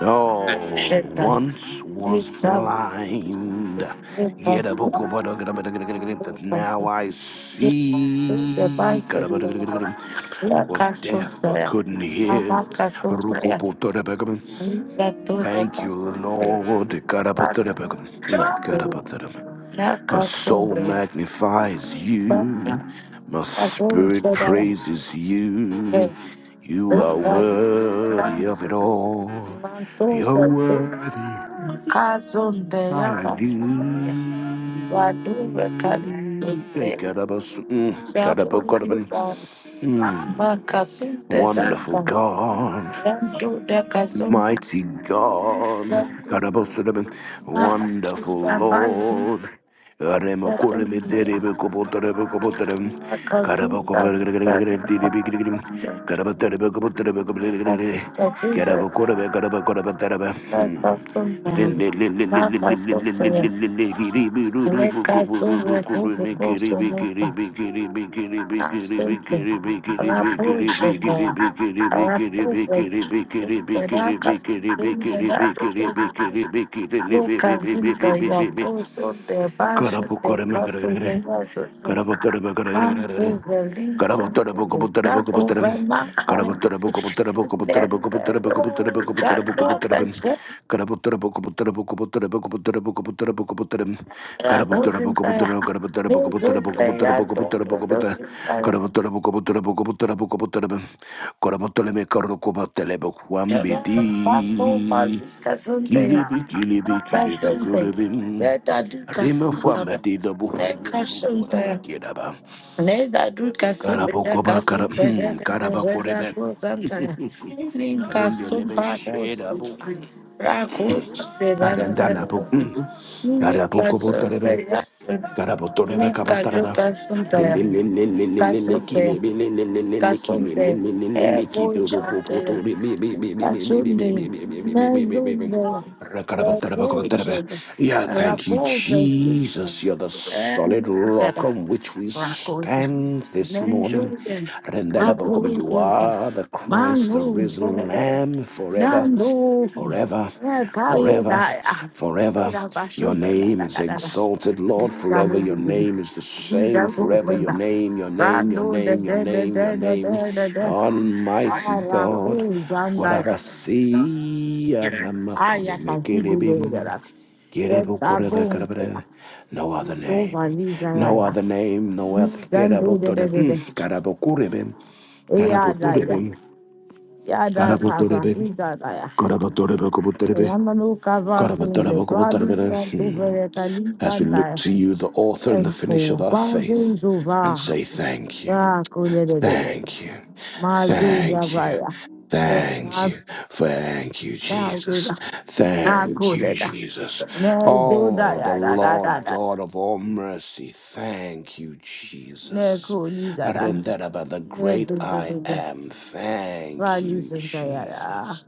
S3: Oh,
S2: Sheta,
S3: once was
S2: Nisa Tube
S3: blind, yet
S2: Kasuze,
S3: abokobodogadabadagadagadagadam, now
S2: Kasuze,
S3: I
S2: Tube
S3: see.
S2: Kasuze,
S3: Karabadagadagadagadam. I
S2: Ya
S3: was deaf. I
S2: Kasuze,
S3: couldn't hear.
S2: Mama Kasuze, Nisa Tube
S3: Thank you,
S2: Kasuze,
S3: Lord.
S2: Rabu
S3: Karabatarabakam. Mm,
S2: Sheta,
S3: karabatarabakam.
S2: Ya
S3: My soul
S2: Kasuze,
S3: magnifies
S2: Nisa
S3: you. My
S2: Rabu
S3: spirit
S2: Sheta,
S3: praises you. You are
S2: Sita
S3: worthy of it all.
S2: Kasuze,
S3: You're
S2: Mantuze,
S3: worthy.
S2: Kazunde
S3: Hallelujah.
S2: yaba waduwe kazunde
S3: Karabas- mm, karabakarabam.
S2: shabuza
S3: Mm.
S2: makasunde
S3: Wonderful
S2: zaba
S3: God.
S2: yandude kazunde
S3: Mighty God,
S2: zatu
S3: Karabosadabin,
S2: makushida
S3: wonderful
S2: bazunde
S3: Lord.
S2: katunde
S3: Remokoremederebekoboterebekoboterem. Karabakura
S2: makazunde katunde kakukakiza kakasunda kakasunda ya lekazunde kukukusunuka Sente, Rapushima, Rapuva, the Rakas, the Rakas, The Kazinka, Yakos, or The Asante. Raposhana. Rapoga Vedaka Vedaka Vekazinta Yakoso de Basho de Caso
S3: Karapukoremakaragaragare.
S2: de Vasos
S3: Karabotorabakaragaragare.
S2: Manco Velisa Tapo Vamakara Nenda Sato
S3: Karabotorabokobotorabokobotoram.
S2: Vacha
S3: Karabotorabokobotorabokobotorabokobotorabokobotorabokobotorabokobotoram. Karabotorabokobotorabokobotorabokobotorabokobotorabokobotorabokobotoram.
S2: Rapozinta Mesunta
S3: Karabotorabokobotorabokobotorabokobotorabokobotorabokobotorabokobotoram.
S2: Yato
S3: Karabotorabokobotorabokobotorabokobotorabokobotoram.
S2: Nika
S3: Karabotolemekarokobotelebokwambeti. Kilibi, kilibi, kilibi, kulibim. Rima fama de the book Milibu Kuraba Kiraba. Karabokoba Kara Karabakorebe. Rinde lebe sheda bu. Arendala bu. Karabokobo tarebe. Karabotorebe kabataraba.
S2: joka
S3: Rinde lele lele lele
S2: santa,
S3: kile bele lele lele kile
S2: kasonde
S3: lele lele kile robo
S2: ebochande
S3: potore be be be be be be be be be be
S2: kasonde
S3: be be be be be be.
S2: mezonde rapochande
S3: Yeah, thank you,
S2: rapove
S3: Jesus. You're the solid rock
S2: enusada
S3: on which we
S2: Rocos
S3: stand this
S2: and
S3: morning.
S2: Jordan. My boys
S3: You
S2: in there.
S3: are the
S2: My
S3: Christ, the
S2: moon for
S3: risen
S2: better.
S3: Lamb forever,
S2: Nando.
S3: forever,
S2: Yeah, call you
S3: forever,
S2: that.
S3: forever.
S2: But I'm a
S3: Your
S2: sugar. Yeah,
S3: name
S2: da
S3: is
S2: da
S3: exalted, Lord, forever. Your name is the same forever. Your name, your name, your
S2: Rando de
S3: name, your
S2: de de
S3: name, your
S2: de de
S3: name.
S2: de de de.
S3: Almighty God.
S2: Rando Janda.
S3: Warabasia
S2: Aya kazidu de de
S3: Ramakuremekelebim.
S2: da. Yes, I won't.
S3: Kerebukurebekarabere. No other
S2: Don't
S3: name.
S2: valija
S3: No
S2: ya.
S3: other name. No other.
S2: Jando de de de
S3: Kerabotorebim.
S2: de.
S3: Karabokurebim.
S2: Yada ya
S3: Karabotorebim.
S2: yada kava,
S3: Karabotorebim.
S2: yada ya.
S3: Karabotorebakoboterebe.
S2: Ramanu kava sende brali
S3: Karabotorebakoboterebere.
S2: santo
S3: Hmm.
S2: vereta
S3: As we look
S2: lizandaya.
S3: to you, the author and the finish of
S2: Enko
S3: our
S2: bazo
S3: faith, and
S2: zova,
S3: say thank you.
S2: rako lelelele.
S3: Thank you.
S2: Mazu
S3: Thank you.
S2: gavaya.
S3: Thank you. Thank you, Jesus.
S2: Eyadoda,
S3: Thank
S2: nako
S3: you,
S2: leda.
S3: Jesus.
S2: Nezoda
S3: Oh, the
S2: yada da Ne zoda ya da da.
S3: Lord
S2: da,
S3: God of all mercy. Thank you, Jesus.
S2: Neko lizada.
S3: Arindaraba, the great I
S2: Nezuzuzuzu.
S3: am. Thank
S2: Vali
S3: you,
S2: senta yada.
S3: Jesus.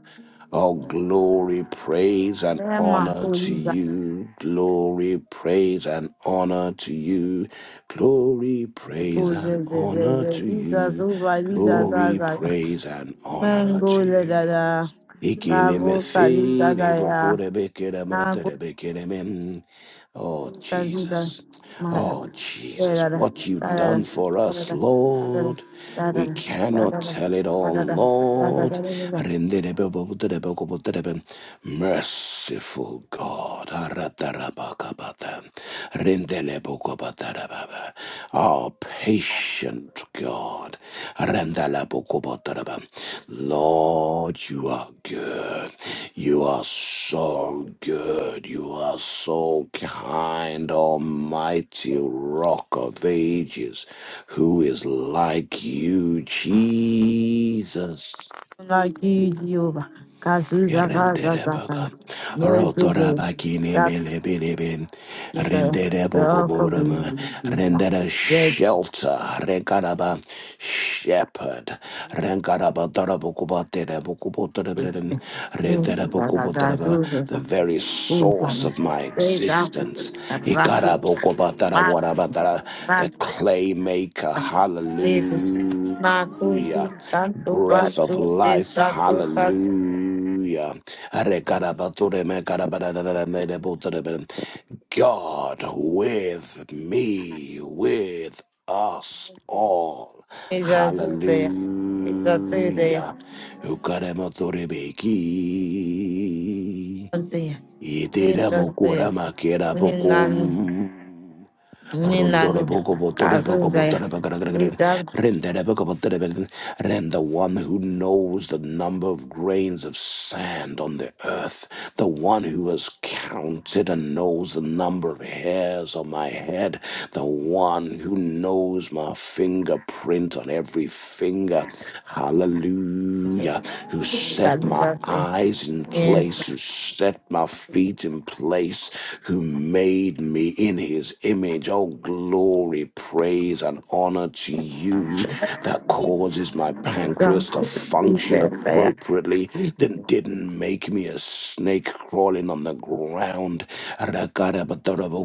S3: All glory, praise, and honor to
S2: Nema
S3: you. Glory, praise, and honor to you. Glory,
S2: Jesus,
S3: praise, and honor to you.
S2: over Jesus,
S3: Glory,
S2: Zaza,
S3: praise, and honor to
S2: Mango,
S3: you.
S2: Ledada, Bravo, Kalita, Daya, Napo,
S3: Ikilimithiribukuribikirimotiribikirimim. Oh,
S2: Kalita,
S3: Jesus.
S2: Smile,
S3: Oh, Jesus.
S2: Ledada,
S3: What you've
S2: Dada, Dada,
S3: done for us,
S2: Dada,
S3: Lord.
S2: Dada,
S3: We cannot
S2: Dada,
S3: tell it all,
S2: Dada, Dada,
S3: Lord.
S2: Dada,
S3: Rindiribubutiribukubutiribim. Merciful God. Aratarabakabata. Rindelebukubatarababa. Oh, patient God. Rendalabukubatarabam. Lord, you are good. You are so good. You are so kind, almighty rock of ages. Who is like you, Jesus?
S2: like you, Jehovah, Kasuza, Gaza,
S3: Rendere
S2: Zaza,
S3: boga, rotora
S2: Yezuba,
S3: bakini
S2: Dada,
S3: mele bilibi, rendere
S2: the
S3: bogo
S2: rock of
S3: borum, rendere
S2: ages,
S3: shelter, rengaraba shepherd, rengaraba darabukubatere bukubotere, rendere
S2: Minha
S3: bukubotere, the very source of
S2: Urbans,
S3: my
S2: Great African,
S3: existence,
S2: and Raputa,
S3: ikarabukubatara
S2: Marcus,
S3: warabatara, the
S2: Marcus,
S3: clay maker,
S2: Jesus, Marcus,
S3: hallelujah
S2: Santo
S3: breath of
S2: Batu,
S3: life.
S2: Santo Santo,
S3: Hallelujah. God with me, with us all.
S2: is a Tuesday, is a Tuesday,
S3: Hallelujah. Ukaramotorebeki.
S2: Sunday, Sunday, Ninan,
S3: Itiramokoramakerabokum. Rundoro
S2: Ninanu,
S3: boko botore boko
S2: Kazuzaya,
S3: botore
S2: we
S3: bakarakarakarakar.
S2: dunk,
S3: Rendere boko botere bel- Rend the one who knows the number of grains of sand on the earth, the one who has counted and knows the number of hairs on my head, the one who knows my fingerprint on every finger.
S2: Kalusate,
S3: Hallelujah. Who set my eyes in
S2: Yes,
S3: place, who set my feet in place, who made me in his his image. Oh, glory, praise, and honor to you that causes my
S2: we dunk,
S3: pancreas to
S2: we
S3: function
S2: said prayer.
S3: appropriately, that didn't make me a snake crawling on the ground.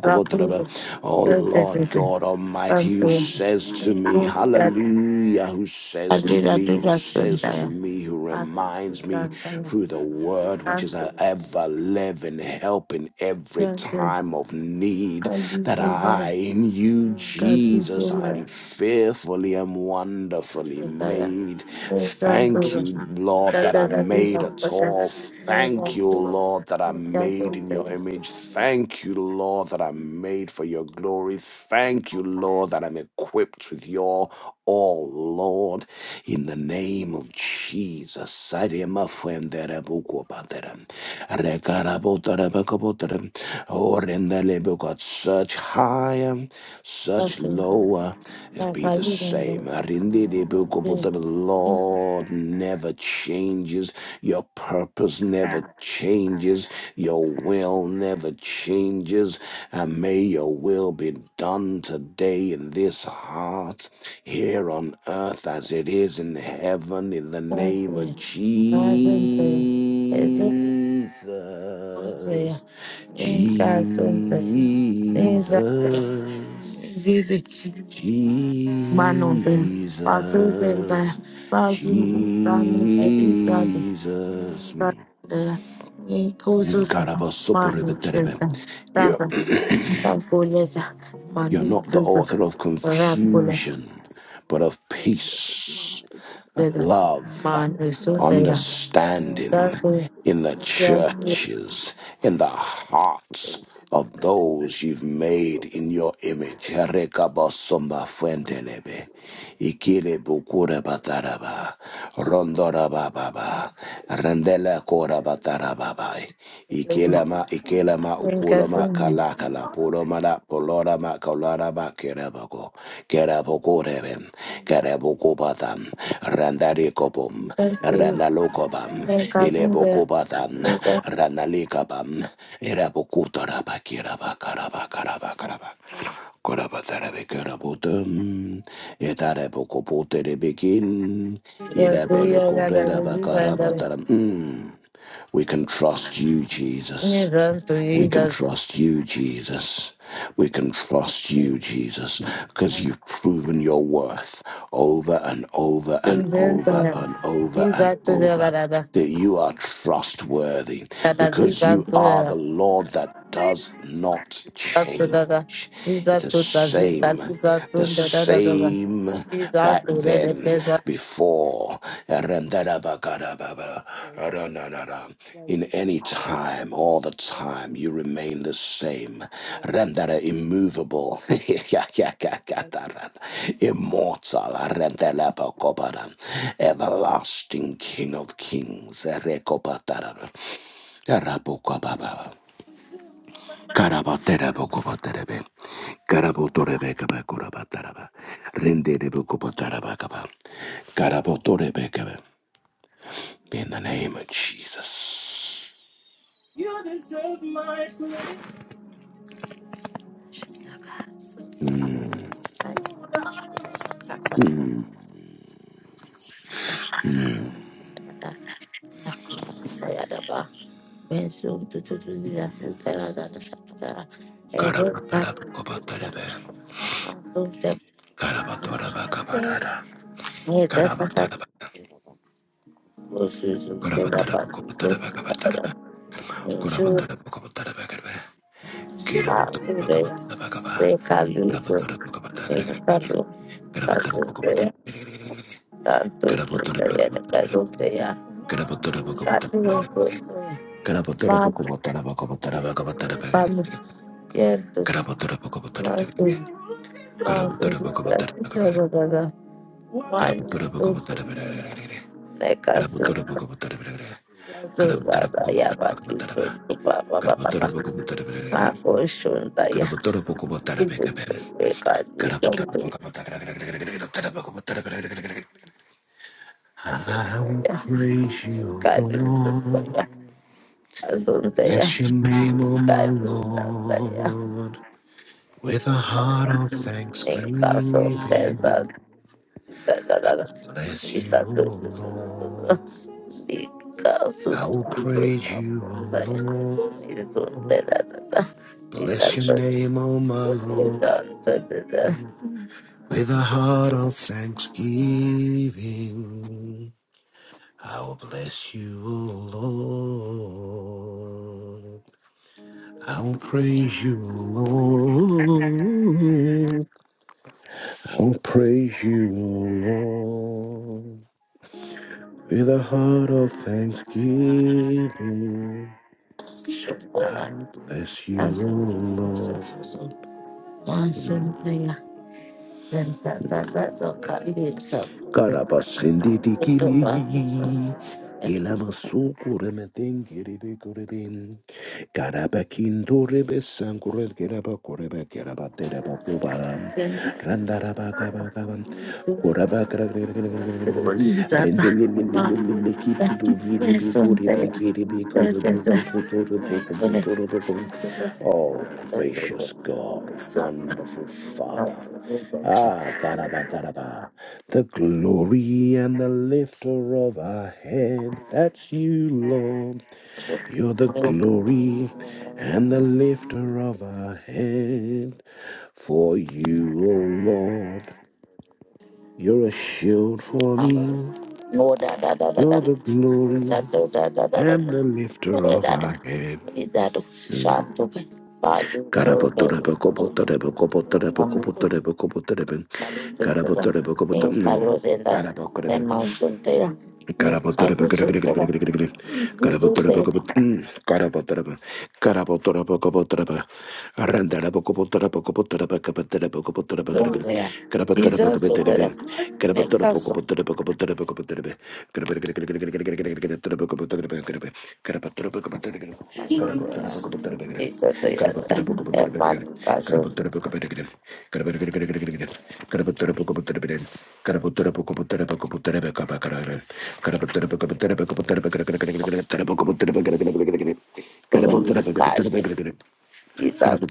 S2: Rakuza,
S3: Oh, Lord
S2: Rakuza,
S3: God Almighty,
S2: Santo,
S3: who says to me,
S2: Kulida,
S3: Hallelujah, who says to
S2: Adira,
S3: me, who
S2: Dira,
S3: says to
S2: Sundaya,
S3: me, who
S2: Akusu,
S3: reminds me
S2: Santaya,
S3: through the word, which is
S2: Santo,
S3: an ever living help in every
S2: Santo,
S3: time of need that
S2: Kadusu,
S3: I, in you,
S2: Kadusu,
S3: Jesus, I am
S2: Maya,
S3: fearfully and wonderfully
S2: Sundaya,
S3: made.
S2: Santo,
S3: Thank you, Lord, that
S2: Dada,
S3: I'm made
S2: Dadiza,
S3: at
S2: Pasha,
S3: all.
S2: Neva,
S3: Thank you,
S2: Tuba,
S3: Lord, that I'm
S2: Kasu,
S3: made in your
S2: Teres,
S3: image. Thank you, Lord, that I'm made for your glory. Thank you, Lord, that I'm equipped with your all, Lord, in the name of Jesus. Sarema fuendere buku padere. Rekara botere beko botere. Orendele beko. Such higher, such
S2: Kasun,
S3: lower, it be the
S2: Kakaliranda,
S3: same. Arindidi buku botere.
S2: Santo,
S3: Lord, never change changes. Your purpose never changes. Your will never changes. And may your will be done today in this heart, here on earth as it is in heaven, in the name of
S2: Santo, Azente, Zaya,
S3: Jesus.
S2: in Casonte, in Zaya,
S3: Jesus.
S2: Jesus, Manonte, Paso Zenta,
S3: Jesus,
S2: Paso Dani, Episade,
S3: Jesus. Mm.
S2: Zaya, in Cosos,
S3: God, have a supper with the
S2: Manu
S3: devil.
S2: Zenta,
S3: You're,
S2: Tasa, Tasoleta,
S3: you're
S2: Manu
S3: not the
S2: Cosos,
S3: author of
S2: Rapula,
S3: confusion, but of peace,
S2: Zeta,
S3: love.
S2: Manu Zondaya,
S3: understanding
S2: Zagwe,
S3: in the
S2: Zagwe,
S3: churches, in the hearts of those you've made in your image. Rekabosomba fuendelebe, ikile bukura bataraba, rondora bababa,
S1: sure.
S3: rendele
S1: 我们
S3: kora
S1: 选择性支持
S3: batarababai,
S2: in
S3: ikelema ikelema ukuloma
S2: Casonte,
S3: kalakala, puloma la polora ma kolara ba kerebago. Kerabokorebe, Kerabokobatan, Randarikobum,
S2: Zagre,
S3: Randalokobam,
S2: Kasinde,
S3: Ilebokobatan,
S2: Lisa,
S3: Randalikabam, Erabokutarabakarabakarabakaraba. Korabatarabekarabotun, Etarabokopoterebekin,
S2: the Kuya, that I believe, and the
S3: Ilabelokoredabakarabataram. Mm. We can trust you, Jesus.
S2: Niran to
S3: We
S2: eat
S3: can
S2: the
S3: trust you, Jesus. We can trust you, Jesus, because you've proven your worth over and over and over
S2: Denta,
S3: and over and
S2: Kiza to the
S3: over
S2: Varada,
S3: that you are trustworthy
S2: that I think
S3: because
S2: I'm
S3: you
S2: to
S3: are the
S2: the
S3: Lord that does not
S2: Dr. Dada,
S3: change. It's
S2: Lisa
S3: the
S2: to the Zika,
S3: same,
S2: Sisa
S3: the
S2: to the Dada Dada,
S3: same
S2: Lisa
S3: back
S2: to the
S3: then,
S2: Desa.
S3: before. That um, in any time, all the time, you remain the same. Rendere immovable, immortal, rendere pokobara, everlasting King of Kings. Rekopatara, Rabokobaba, Karabatera bokobaterebe, Karabotorebe kabakurabataraba, Rendere bokobatarabakaba, Karabotorebe In the name of Jesus.
S2: You deserve my praise. Şuna bak.
S3: Grab
S2: Kapatma. Kapatma. Kapatma. Kapatma. Bensu tu tu tu di asu kara da da sha da da. Ero ta tu se. E ta ta ta. Osu su te da ba tu da da. Bensu ta su de. Se kalu su. Se kalu ta su de. Ta tu se de ya da ba tu de ya. Kasu ko. Vamos. E entonces, nós
S3: I will
S2: vamos
S3: praise
S2: trabalhar. Mas, todos, né, caso, Zuzada, Yabaki, Papa, Papa, Papo, Shunda, Ya, Ibu, Pekadi, Zonto, Zunda,
S3: you, go
S2: Kadi,
S3: on.
S2: Zunda, Zunda,
S3: Bless your name, O my
S2: Kadi, Zunda,
S3: Lord, with a heart of
S2: Nika,
S3: thanksgiving.
S2: Thank
S3: Bless you, O Lord. I will praise you, O Lord. Bless your name, O my Lord. With a heart of thanksgiving, I will bless you, O Lord. I will praise you, O Lord. I will praise you, O Lord. With a heart of thanksgiving. I bless you, O Lord. Mm. Oh gracious
S2: you. Thank
S3: God, wonderful Father. Ah, Karabataraba, the glory and the lifter of our head, that's you, Lord. You're the glory and the lifter of our head. For you, O Lord, you're a shield for me. You're the glory and the lifter of our head. Mm. Karabataraba, kobotaraba, kobotaraba, kobotaraba, kobotaraba. Karabataraba, kobotaraba. Mm. Karabataraba. Carabotera, Karabotra
S2: Sunday, it's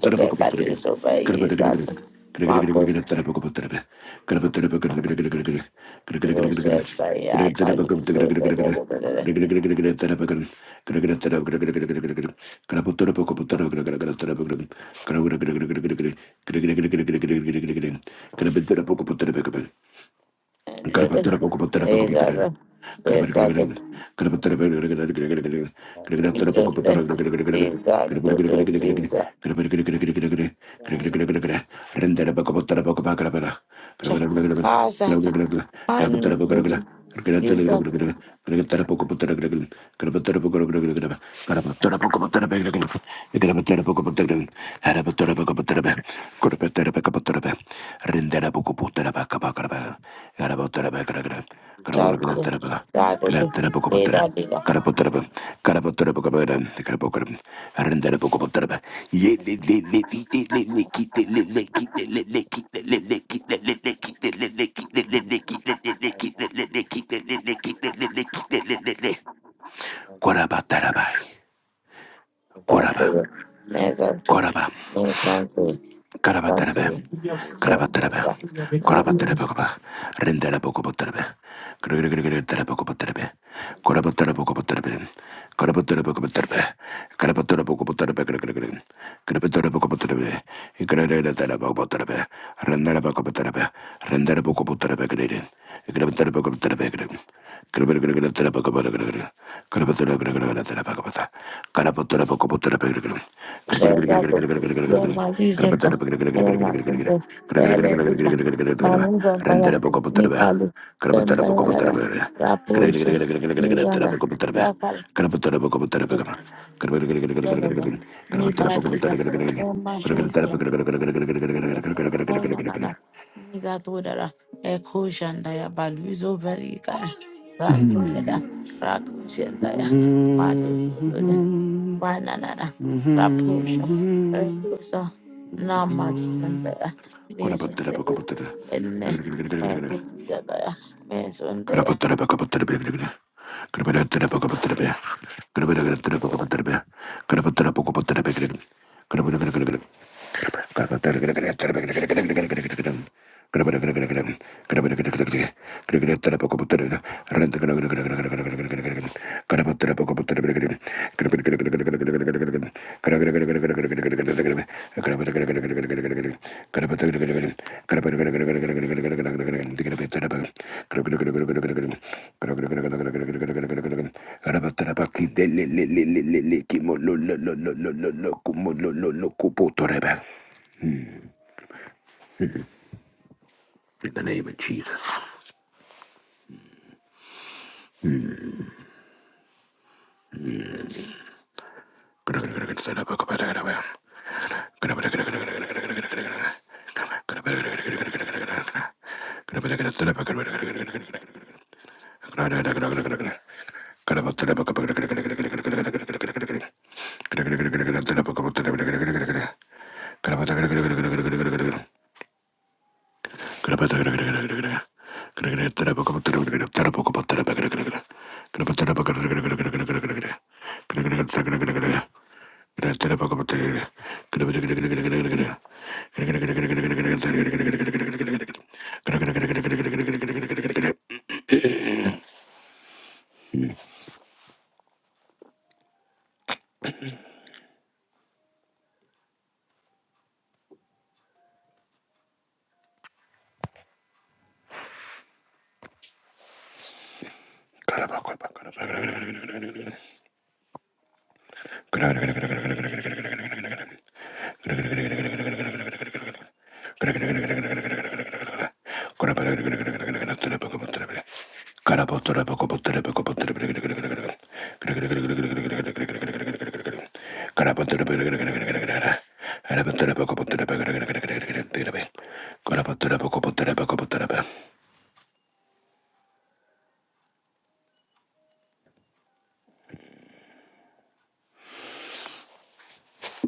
S2: the paper is
S3: Thank
S2: the is
S3: Quaraba, Taraba,
S2: Tanto,
S3: Quaraba,
S2: né, tanto,
S3: Quaraba.
S2: né, tanto, tanto,
S3: Karabatarebe,
S2: tanto, tanto,
S3: karabatarebe,
S2: né,
S3: korabatarebe koba, renderebe kobatarebe, karabatarebe kobatarebe, korabatarebe kobatarebe, karabatarebe kobatarebe, karabatarebe kobatarebe, karabatarebe kobatarebe, ikarabatarebe kobatarebe, renderebe kobatarebe, renderebe kobatarebe, Hmm.
S2: tanto, né, mas isenta, né, mas isenta, ela é uma, mas não canta, me falo, canta, galera, pra puxa, me ganda, pra fala, não, não, não, me paralisa, é uma Onyanana, Nigadodara, Eko Jandaya, Baluzo Verica, Zandoyeda, Raku Jandaya, Made Dododa, Wananana, Raposha, Raposa, Nama Jandaya, Nizondaya, Ene, Eko Jandaya, Mezondaya.
S3: Kimo lo lo lo lo lo lo lo kumo lo lo lo kupo toreba. in the name of Jesus. Gracias.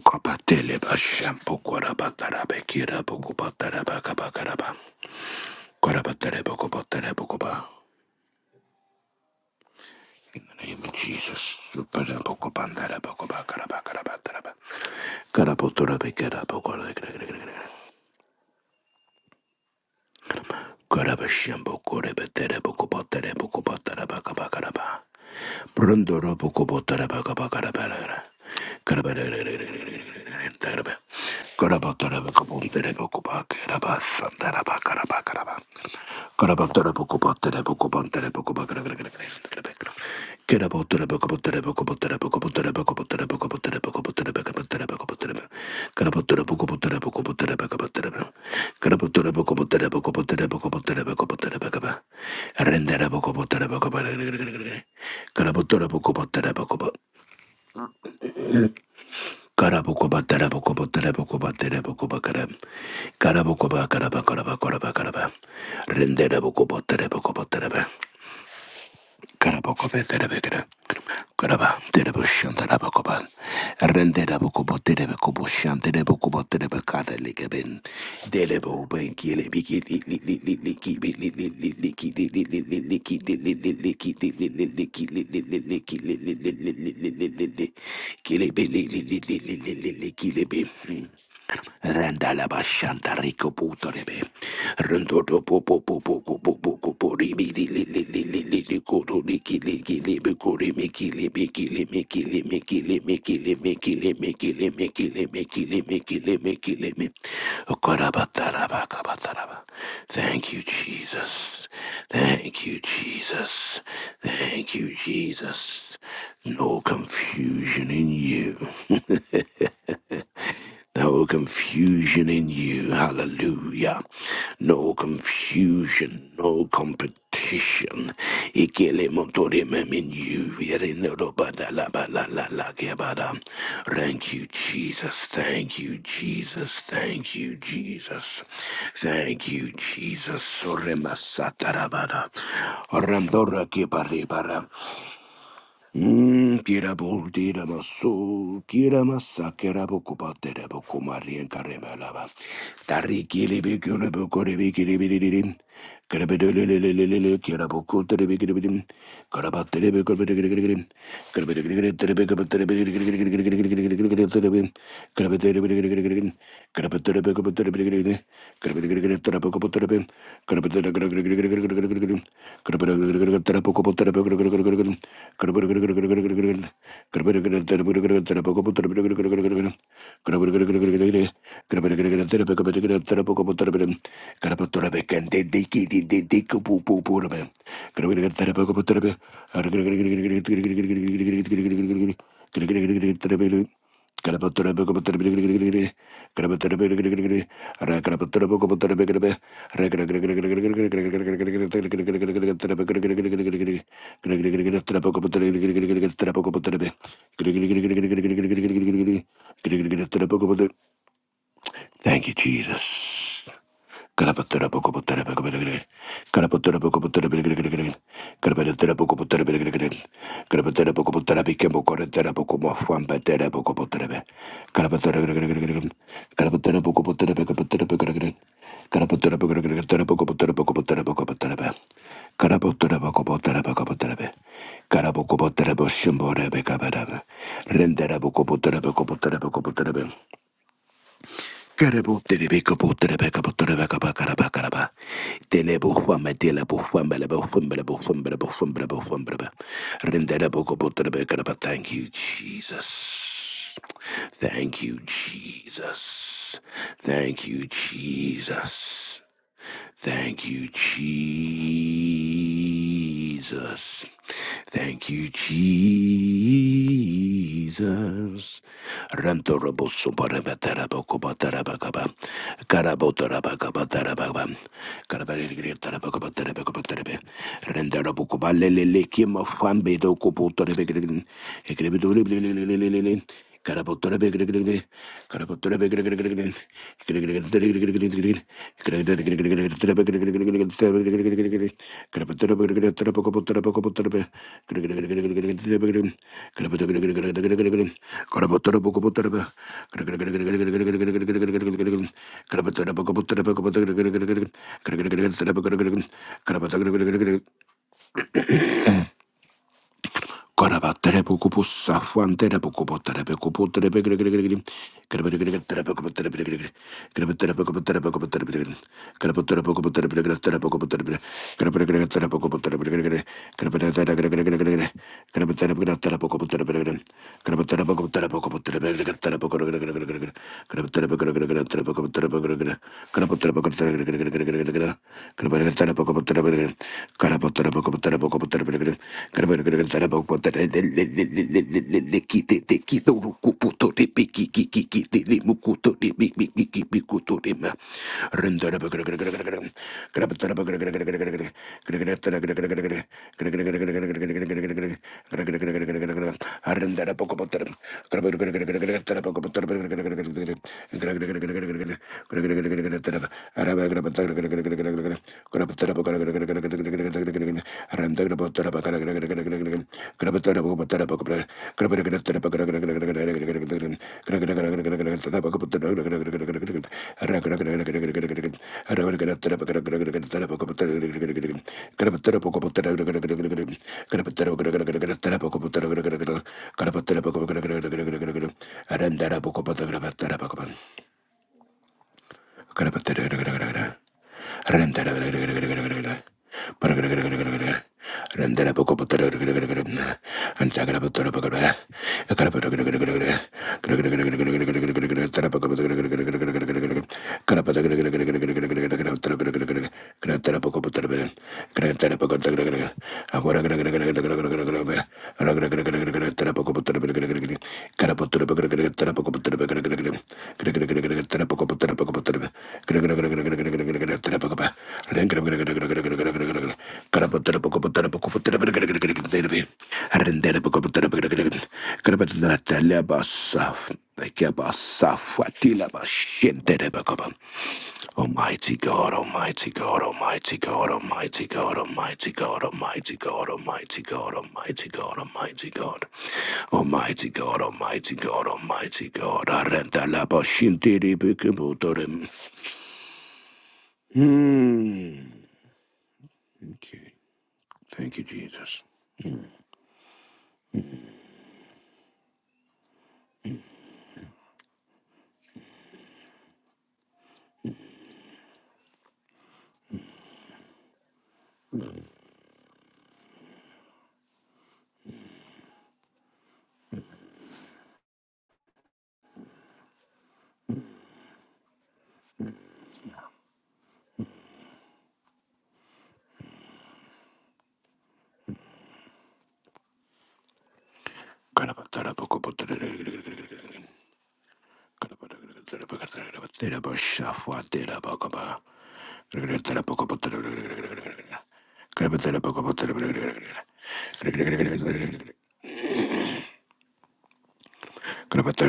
S3: Kopateleba shampoo, kurabataraba, kirabu, kubataraba, kabakaraba. Cara battele, poco battele, poco ba. Indolevicius, poco panta, le poco ba. Cara ba, cara ba, cara ba. Cara potele pe cara poco de cara. Cara pesia, poco re petele, poco battele, poco battele, ba, ba, cara ba. Pronto lo poco battele, ba, ba, cara ba, cara ba, cara ba, cara ba, cara ba. Cara battele, poco pantele, poco ba. Cara potele poco. Rendera bocobo terebo cobo terebe. Carabocobe Terebegra, Caraba, Terebushan, Tarabocoban, Renderabocobo Terebecobushan, Terebocobo Terebecada Ligabin, Delebo Benkili, Biki, Liki, Liki, Liki, Liki, Liki, Liki, Liki, Liki, Liki, Liki, Liki, Liki, Liki, Liki, Randala bashanta rico puto rebe. Rendodo po po ribi li Thank you, Jesus. Thank you, Jesus. Thank you, Jesus. No confusion in you. No confusion in you. Hallelujah. No confusion. No competition. Ikele motorimem in you. Yerenodobadalabalalalagebada. Thank you, Jesus. Thank you, Jesus. Thank you, Jesus. Thank you, Jesus. Orema satarabada. orandora Soremasatarabada. Oramdorakebarebara. Hmm. Kira bulti, kira masu. Kira massa kira boku patere boku marien karime lava. Tari kiri bikiule boku re biki re bili bili. Kira budo lele lele lele lele kira boku tere biki re bili. Kora patere boku re biki re bili bili. Kira budo lele lele lele lele kira boku tere biki re bili. Gracias. Gracias. Thank you, Jesus. Karabo terebekabo terebekabo terebekaba karaba Telebo huamba telebo huamba lebo huamba lebo huamba lebo Thank you, Jesus. Thank you, Jesus. Thank you, Jesus. Thank you, Jesus. Thank you, Jesus. Karabotara Koraba terebukupu safuan terebukupu terebukupu terebekerekerekerekerim. Kerebekerekerekerim terebukupu terebekerekerim. Kerebe terebukupu terebukupu terebekerekerim. Kerebe terebukupu terebekerekerim terebukupu terebekerekerim. Kerebekerekerekerim terebukupu terebekerekerim. Kerebe terebekerekerekerim. Kerebe terebekerekerim terebukupu terebekerekerim. Kerebe terebukupu terebukupu terebekerekerim terebukupukerekerekerekerekerim. Kerebe terebekerekerekerim terebukupu terebekerekerim. Kerebe terebukupu terebekerekerim terebukupu terebekerekerim. Kerebe terebukupu terebekerekerim terebukupu terebekerekerim. Grab Arandara Ahora Thank you, Almighty God, Almighty God, Almighty God, Almighty God, Almighty God, Almighty God, Almighty God, Almighty God, Almighty God, Almighty God, Almighty God, Almighty God, Arenta la bashintiri bikibutorim. Hmm. Okay. Thank you, Jesus. Thank you. Kalapatar,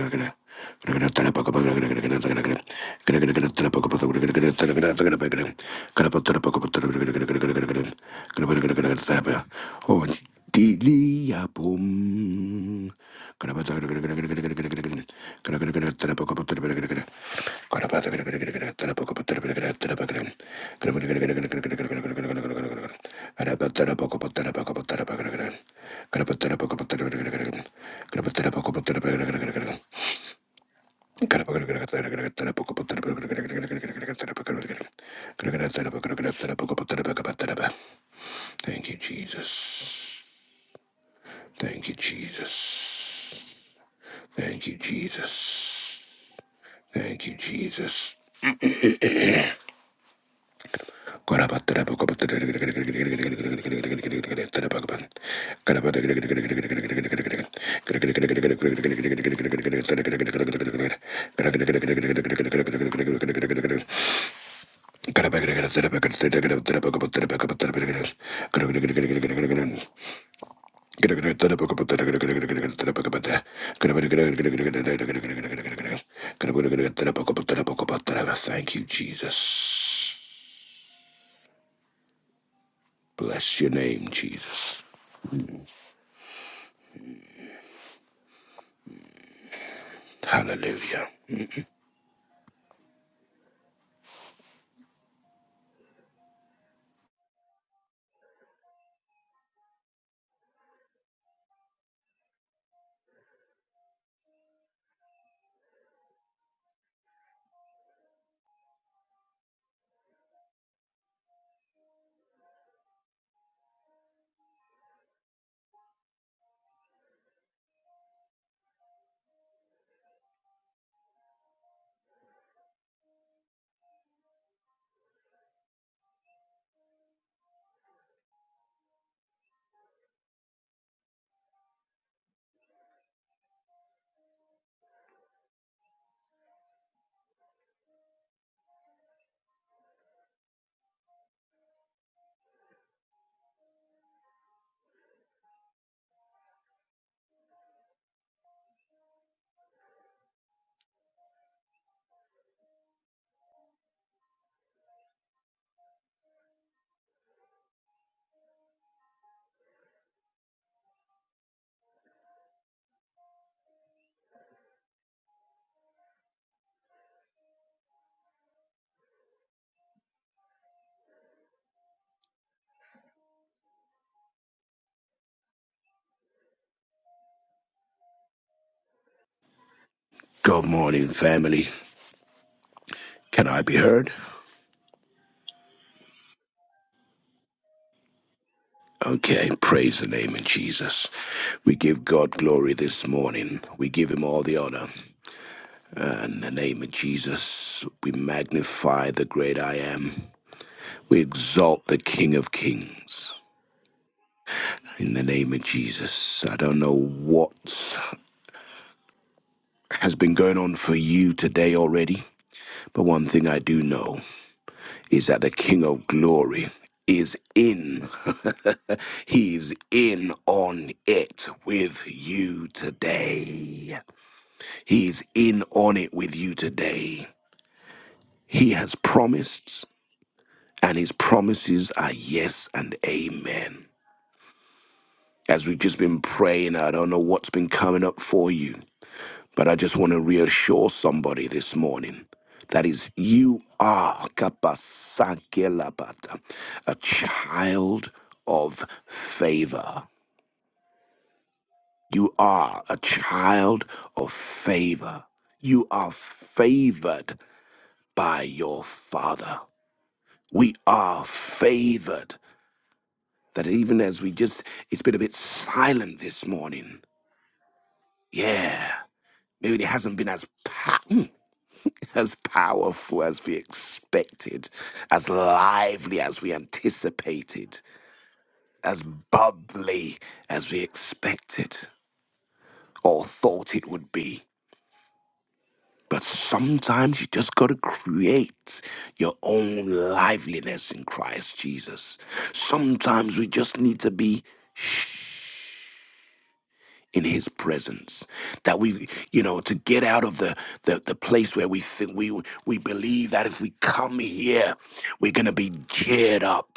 S3: Oh, it's Diliabum. Thank you, Jesus. Thank you, Jesus. Thank you, Jesus. Thank you, Jesus. Thank you, Jesus. Bless your name, Jesus. Hallelujah. Good morning, family. Can I be heard? Okay, praise the name of Jesus. We give God glory this morning. We give him all the honor. Uh, In the name of Jesus, we magnify the great I am. We exalt the King of Kings. In the name of Jesus, I don't know what has been going on for you today already, but one thing I do know is that the King of Glory is in. He's in on it with you today. He's in on it with you today. He has promised and his promises are yes and amen. As we've just been praying, I don't know what's been coming up for you, but I just want to reassure somebody this morning that is, you are kapasakelabata, a child of favor. You are a child of favor. You are favored by your father. We are favored that even as we just, it's been a bit silent this morning. Yeah, maybe it hasn't been as pa- mm, as powerful as we expected, as lively as we anticipated, as bubbly as we expected or thought it would be. But sometimes you just got to create your own liveliness in Christ Jesus. Sometimes we just need to be in his presence that we you know to get out of the the, the place where we think we we believe that if we come here we're going to be cheered up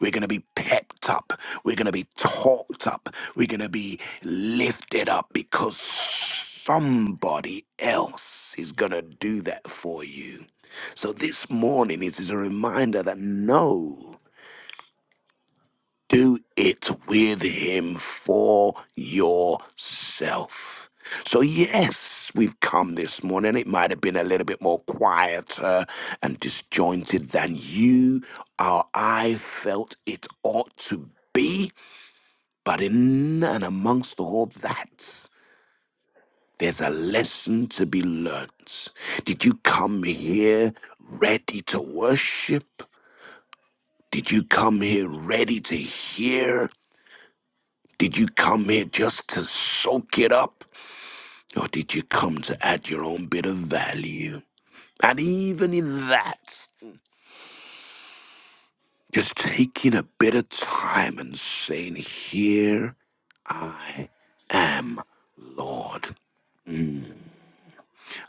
S3: we're going to be pepped up we're going to be talked up we're going to be lifted up because somebody else is going to do that for you so this morning it is a reminder that no do it with him for yourself. So, yes, we've come this morning. It might have been a little bit more quieter and disjointed than you or I felt it ought to be. But in and amongst all that, there's a lesson to be learnt. Did you come here ready to worship? Did you come here ready to hear? Did you come here just to soak it up? Or did you come to add your own bit of value? And even in that, just taking a bit of time and saying, Here I am, Lord. Mm.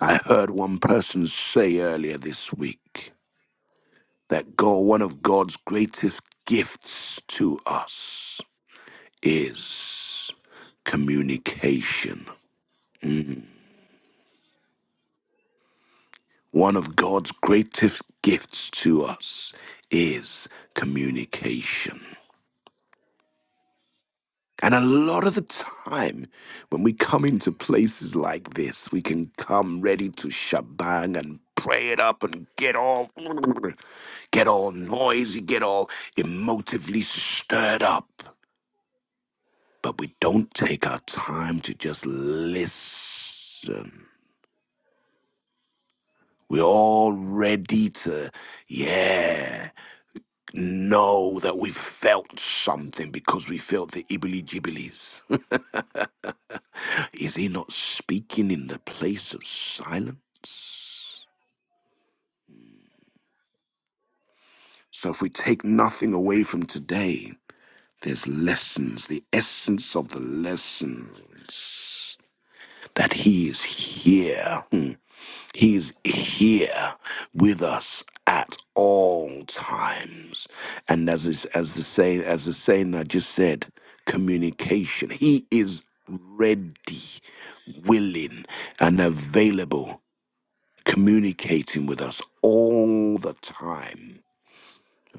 S3: I heard one person say earlier this week that God, one of God's greatest gifts to us is communication. Mm. One of God's greatest gifts to us is communication. And a lot of the time, when we come into places like this, we can come ready to shabang and pray it up and get all get all noisy, get all emotively stirred up. But we don't take our time to just listen. We're all ready to, yeah. know that we felt something because we felt the ibili jibilies. Is he not speaking in the place of silence? So if we take nothing away from today, there's lessons, the essence of the lessons that he is here. Hmm. He's here with us at all times. And as is, as the saying as the saying I just said, communication. He is ready, willing, and available, communicating with us all the time.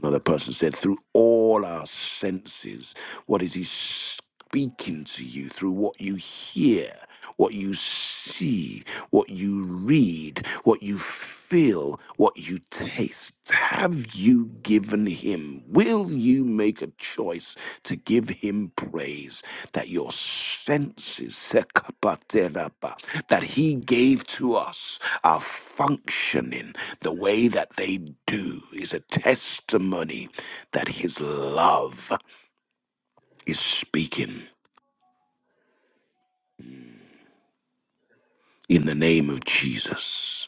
S3: Another person said, through all our senses, what is he speaking to you? Through what you hear, what you see, what you read, what you feel, what you taste. Have you given him? Will you make a choice to give him praise that your senses, sekapaterapa, that he gave to us, are functioning? The way that they do is a testimony that his love is speaking in the name of Jesus,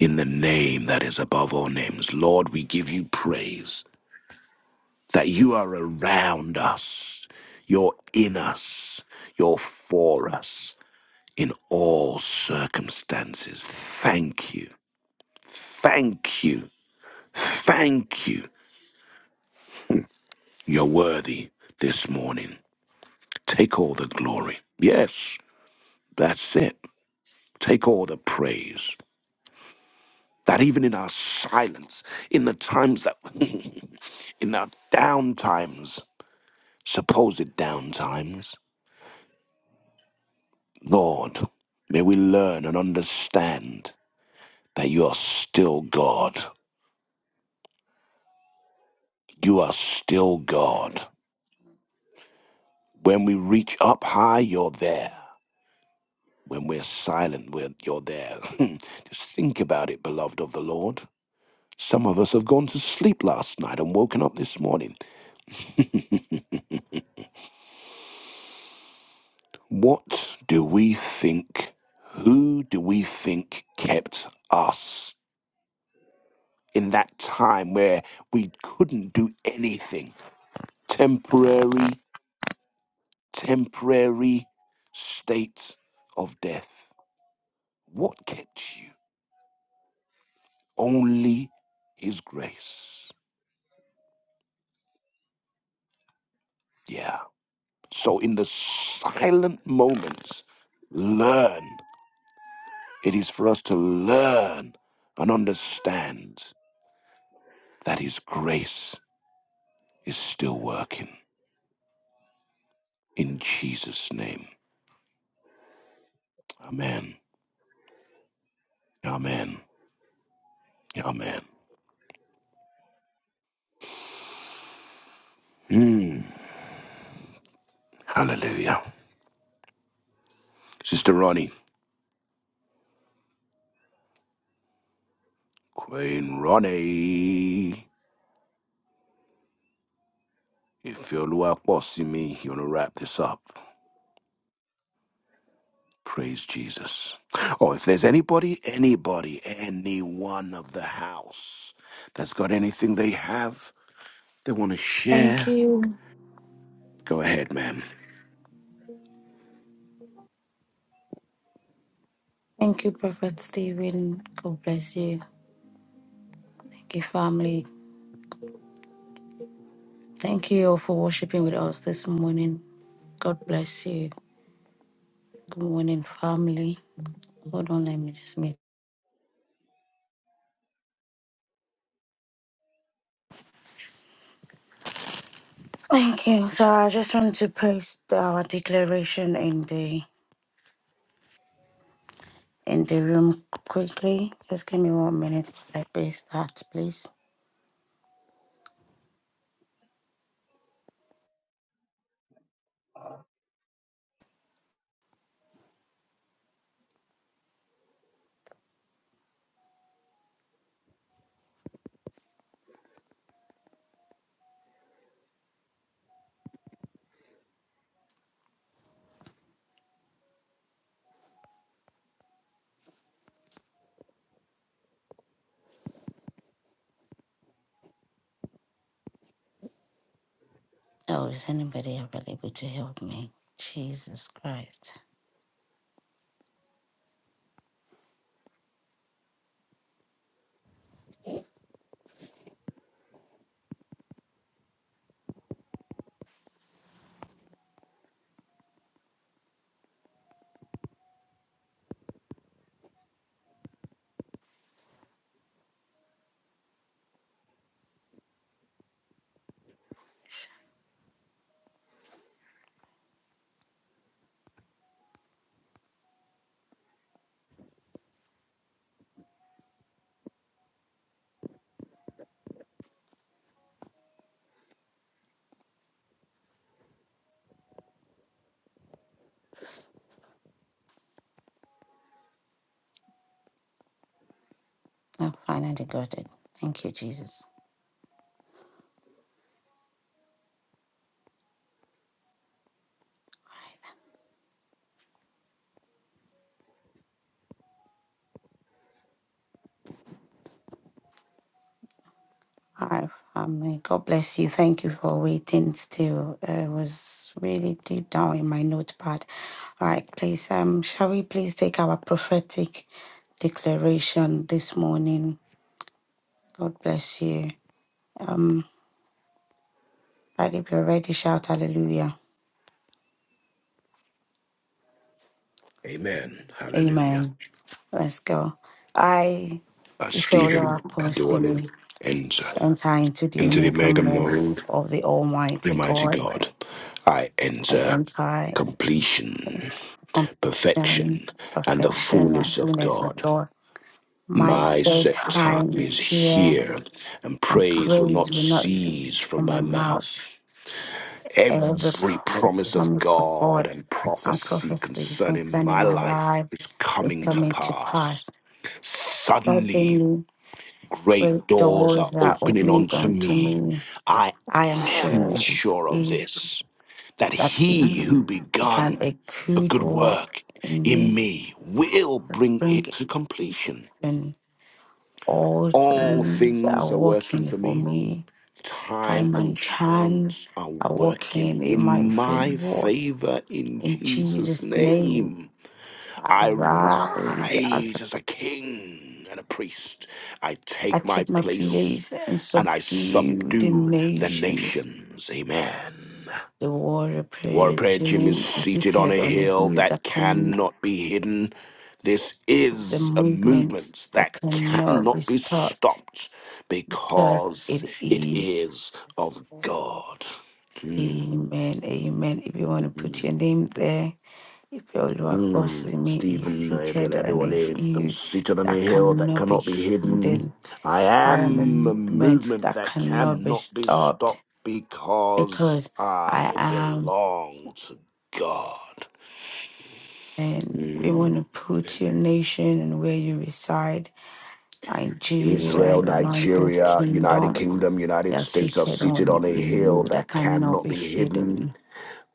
S3: in the name that is above all names. Lord, we give you praise that you are around us, you're in us, you're for us in all circumstances. Thank you. Thank you. Thank you. You're worthy this morning. Take all the glory. Yes. That's it. Take all the praise. That even in our silence, in the times that, in our down times, supposed down times, Lord, may we learn and understand that you are still God. You are still God. When we reach up high, you're there. When we're silent, we're, you're there. Just think about it, beloved of the Lord. Some of us have gone to sleep last night and woken up this morning what do we think? Who do we think kept us in that time where we couldn't do anything? Temporary, temporary state of death. What kept you? Only His grace. Yeah. So in the silent moments, learn It is for us to learn and understand that His grace is still working. In Jesus' name. Amen. Amen. Amen. Hmm. hallelujah. Sister Ronnie, Queen Ronnie, if you're me, you want to wrap this up. Praise Jesus. Oh, if there's anybody, anybody, anyone of the house that's got anything they have they want to
S2: Thank
S3: share,
S2: you.
S3: go ahead, ma'am.
S2: Thank you, Prophet Stephen. God bless you. Thank you, family. Thank you all for worshiping with us this morning. God bless you. Good morning, family. Hold on, let me just meet. Thank you. So I just want to paste our declaration in the in the room quickly. Just give me one minute. I paste that, please. Oh, is anybody available to help me? Jesus Christ. I finally got it. Thank you, Jesus. Hi, family. God bless you. Thank you for waiting still. Uh, it was really deep down in my notepad. All right, please, um, shall we please take our prophetic declaration this morning? God bless you. Um, but if you're ready, shout hallelujah.
S3: Amen. Hallelujah.
S2: Amen. Let's go. I,
S3: Uh, Stephen,
S2: Ifeola
S3: Adorlin,
S2: Apostemi,
S3: and uh,
S2: enter into the
S3: into the
S2: Omega
S3: mega
S2: mode
S3: mode
S2: of the
S3: of the
S2: Almighty
S3: Almighty
S2: God.
S3: God, I
S2: I
S3: enter
S2: enter
S3: completion,
S2: completion,
S3: perfection, and the
S2: perfection, and
S3: fullness of
S2: fullness of
S3: God.
S2: joy. My
S3: My
S2: set
S3: set time
S2: time
S3: is
S2: is here,
S3: here, and
S2: and
S3: praise will
S2: praise
S3: not
S2: will not
S3: cease
S2: cease
S3: from
S2: from my
S3: my mouth.
S2: mouth. Every
S3: Every promise of
S2: promise of
S3: God
S2: God
S3: and
S2: and
S3: prophecy
S2: prophecies
S3: concerning
S2: concerning
S3: my
S2: my
S3: life
S2: life
S3: is
S2: is
S3: coming to
S2: coming to
S3: pass.
S2: pass.
S3: Suddenly,
S2: Suddenly,
S3: Great
S2: great
S3: doors are
S2: doors are
S3: opening
S2: opening
S3: unto
S2: unto
S3: me.
S2: me.
S3: I
S2: I am
S3: am
S2: sure
S3: sure of
S2: is
S3: this, that
S2: that
S3: he who
S2: it- you can
S3: begun
S2: a
S3: a
S2: good
S3: good
S2: work
S3: work
S2: in
S3: in
S2: me
S3: me will bring
S2: bring
S3: it to completion.
S2: in. All
S3: All
S2: things are
S3: things are working
S2: working
S3: for
S2: for
S3: me.
S2: me. I
S3: Time and
S2: my chance
S3: chance are
S2: are
S3: working
S2: working in
S3: in
S2: my
S3: my
S2: favor.
S3: favor in
S2: In
S3: Jesus'
S2: Jesus' name,
S3: name.
S2: I
S3: I
S2: rise. As
S3: rise as a king and a priest. I
S2: I
S3: take my
S2: take my
S3: place
S2: place and
S3: and I
S2: subdue the
S3: subdue the
S2: nations.
S3: nations. Amen.
S2: The warrior prayer
S3: Warrior Jim is
S2: dream is
S3: seated on
S2: seated
S3: a
S2: on a
S3: hill
S2: hill that
S3: that
S2: can
S3: cannot be hidden. This
S2: is a
S3: is a
S2: movement
S3: movement
S2: that
S3: that
S2: cannot be
S3: cannot be
S2: stopped
S3: stopped
S2: because
S3: because
S2: it
S3: it
S2: is.
S3: is of God. Hmm,
S2: Amen. Amen. If you want to
S3: hmm.
S2: put your name there. If your Lord across
S3: Mm,
S2: me is
S3: Stephen,
S2: seated on a
S3: Adeladiwale, I'm
S2: hill
S3: seated on a
S2: that
S3: hill that
S2: cannot
S3: cannot
S2: be
S3: be hidden.
S2: hidden,
S3: I
S2: I am a
S3: am a
S2: movement
S3: movement
S2: that
S3: that
S2: cannot be
S3: cannot be
S2: stopped
S3: stopped because
S2: because I
S3: I
S2: am.
S3: belong to God.
S2: And we want
S3: Mm.
S2: to put your nation and where you reside, Nigeria,
S3: Israel,
S2: United
S3: Nigeria, United
S2: Kingdom,
S3: Kingdom,
S2: they
S3: United
S2: are
S3: States are
S2: seated
S3: seated
S2: on
S3: on a
S2: a hill
S3: hill
S2: that
S3: that
S2: cannot
S3: cannot
S2: be
S3: be hidden.
S2: hidden.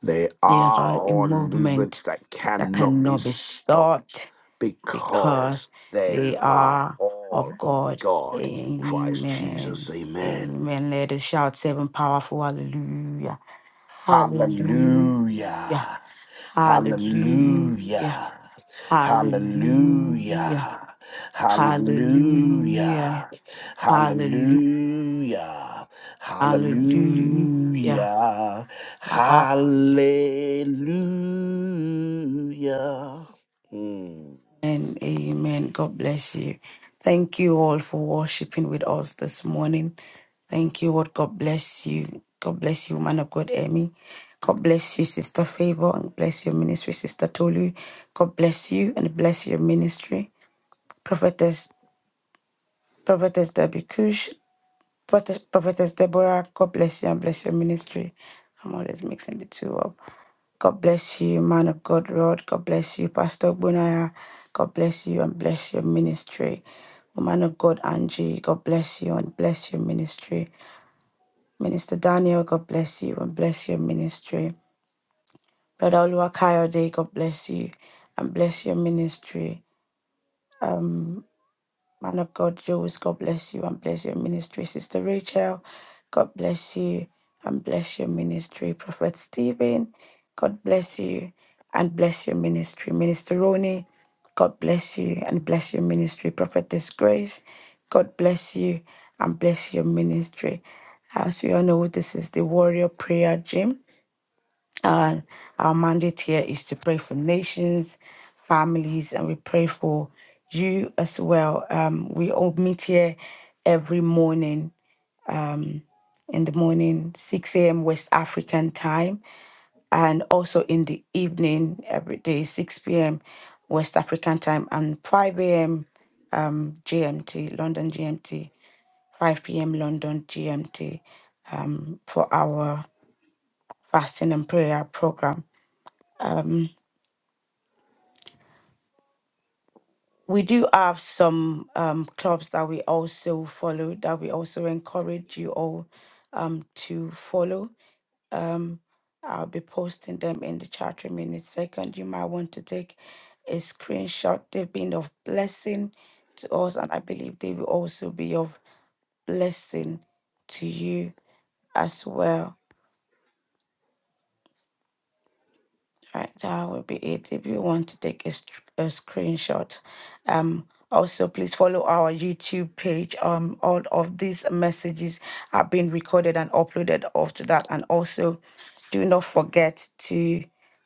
S3: They
S2: They
S3: are
S2: are a
S3: all movements
S2: movement
S3: that
S2: that
S3: cannot be
S2: cannot be
S3: stopped
S2: stopped because
S3: because
S2: they
S3: they are
S2: are
S3: all
S2: of
S3: of
S2: God.
S3: God in Christ
S2: Amen.
S3: Jesus. Amen.
S2: Amen. Let us shout seven powerful hallelujah. Hallelujah.
S3: Hallelujah.
S2: Hallelujah.
S3: Hallelujah.
S2: Hallelujah.
S3: Hallelujah.
S2: Hallelujah. Hallelujah.
S3: Hallelujah. Hallelujah.
S2: Hallelujah.
S3: Hallelujah. Hallelujah. Mm.
S2: Amen. Amen. God bless you. Thank you all for worshiping with us this morning. Thank you, Lord. God bless you. God bless you, man of God, Emmy. God bless you, Sister Favor, and bless your ministry, Sister Tolu. God bless you and bless your ministry. Prophetess, Prophetess Debbie Kush. Prophet- Prophetess Deborah, God bless you and bless your ministry. I'm always mixing the two up. God bless you, man of God, Rod. God bless you, Pastor Bunaya. God bless you and bless your ministry. Woman of God, Angie, God bless you and bless your ministry. Minister Daniel, God bless you and bless your ministry. Brother Oluwakayode, God bless you and bless your ministry. Um, Man of God, Jules, God bless you and bless your ministry. Sister Rachel, God bless you and bless your ministry. Prophet Stephen, God bless you and bless your ministry. Minister Roni, God bless you and bless your ministry. Prophetess Grace, God bless you and bless your ministry. As we all know, this is the Warrior Prayer Gym uh, our mandate here is to pray for nations, families, and we pray for you as well. Um, we all meet here every morning, um, in the morning, 6 a.m. West African time, and also in the evening, every day, 6 p.m. West African time, and 5 a.m. Um, GMT, London GMT. 5 p.m. London GMT um, for our fasting and prayer program. we do have some um, clubs that we also follow that we also encourage you all um, to follow. I'll be posting them in the chat room in a second. You might want to take a screenshot. They've been of blessing to us, and I believe they will also be of blessing to you as well. Right, that will be it. If you want to take a, str- a screenshot, um, also please follow our YouTube page. Um, all of these messages have been recorded and uploaded after that, and also do not forget to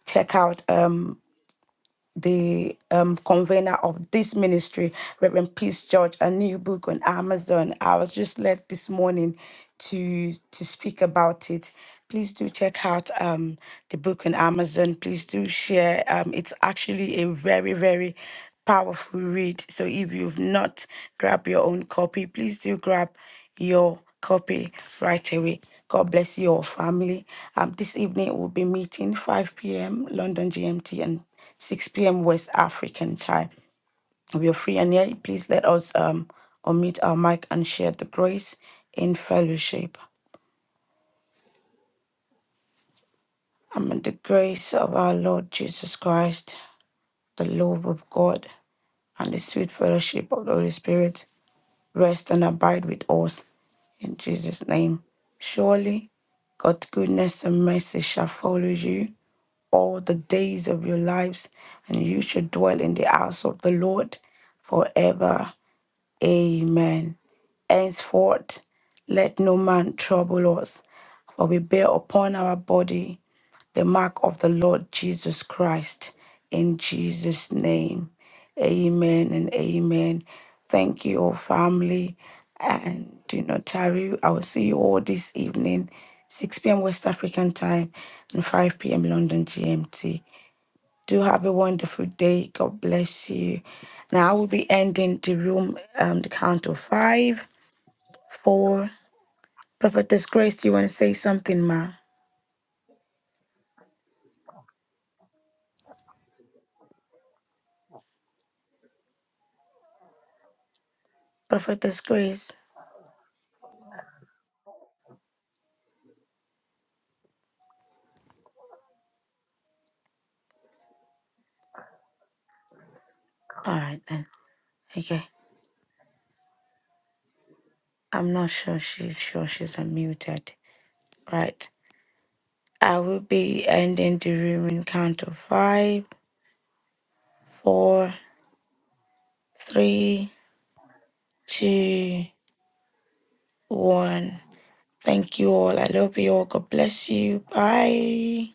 S2: check out. Um, the um, convener of this ministry, Reverend Peace George, a new book on Amazon. I was just led this morning to to speak about it. Please do check out um, the book on Amazon. Please do share. Um, it's actually a very very powerful read. So if you've not grabbed your own copy, please do grab your copy right away. God bless your family. Um, this evening we'll be meeting 5 p.m. London GMT and 6 p.m. West African time. We are free and here. Please let us um, unmute our mic and share the grace in fellowship. And the grace of our Lord Jesus Christ, the love of God, and the sweet fellowship of the Holy Spirit rest and abide with us in Jesus' name. Surely God's goodness and mercy shall follow you all the days of your lives, and you shall dwell in the house of the Lord forever Amen. Henceforth, let no man trouble us, for we bear upon our body the mark of the Lord Jesus Christ. In Jesus' name, amen and amen. Thank you, all family, and do not tarry. I will see you all this evening, 6 p.m. West African time and 5 p.m. London GMT. Do have a wonderful day. God bless you. Now I will be ending the room um the count of five, four. Prophetess Grace, do you want to say something, ma? Prophetess Grace. All right then. Okay. I'm not sure she's sure she's unmuted. Right. I will be ending the room in count of five, four, three, two, one. Thank you all. I love you all. God bless you. Bye.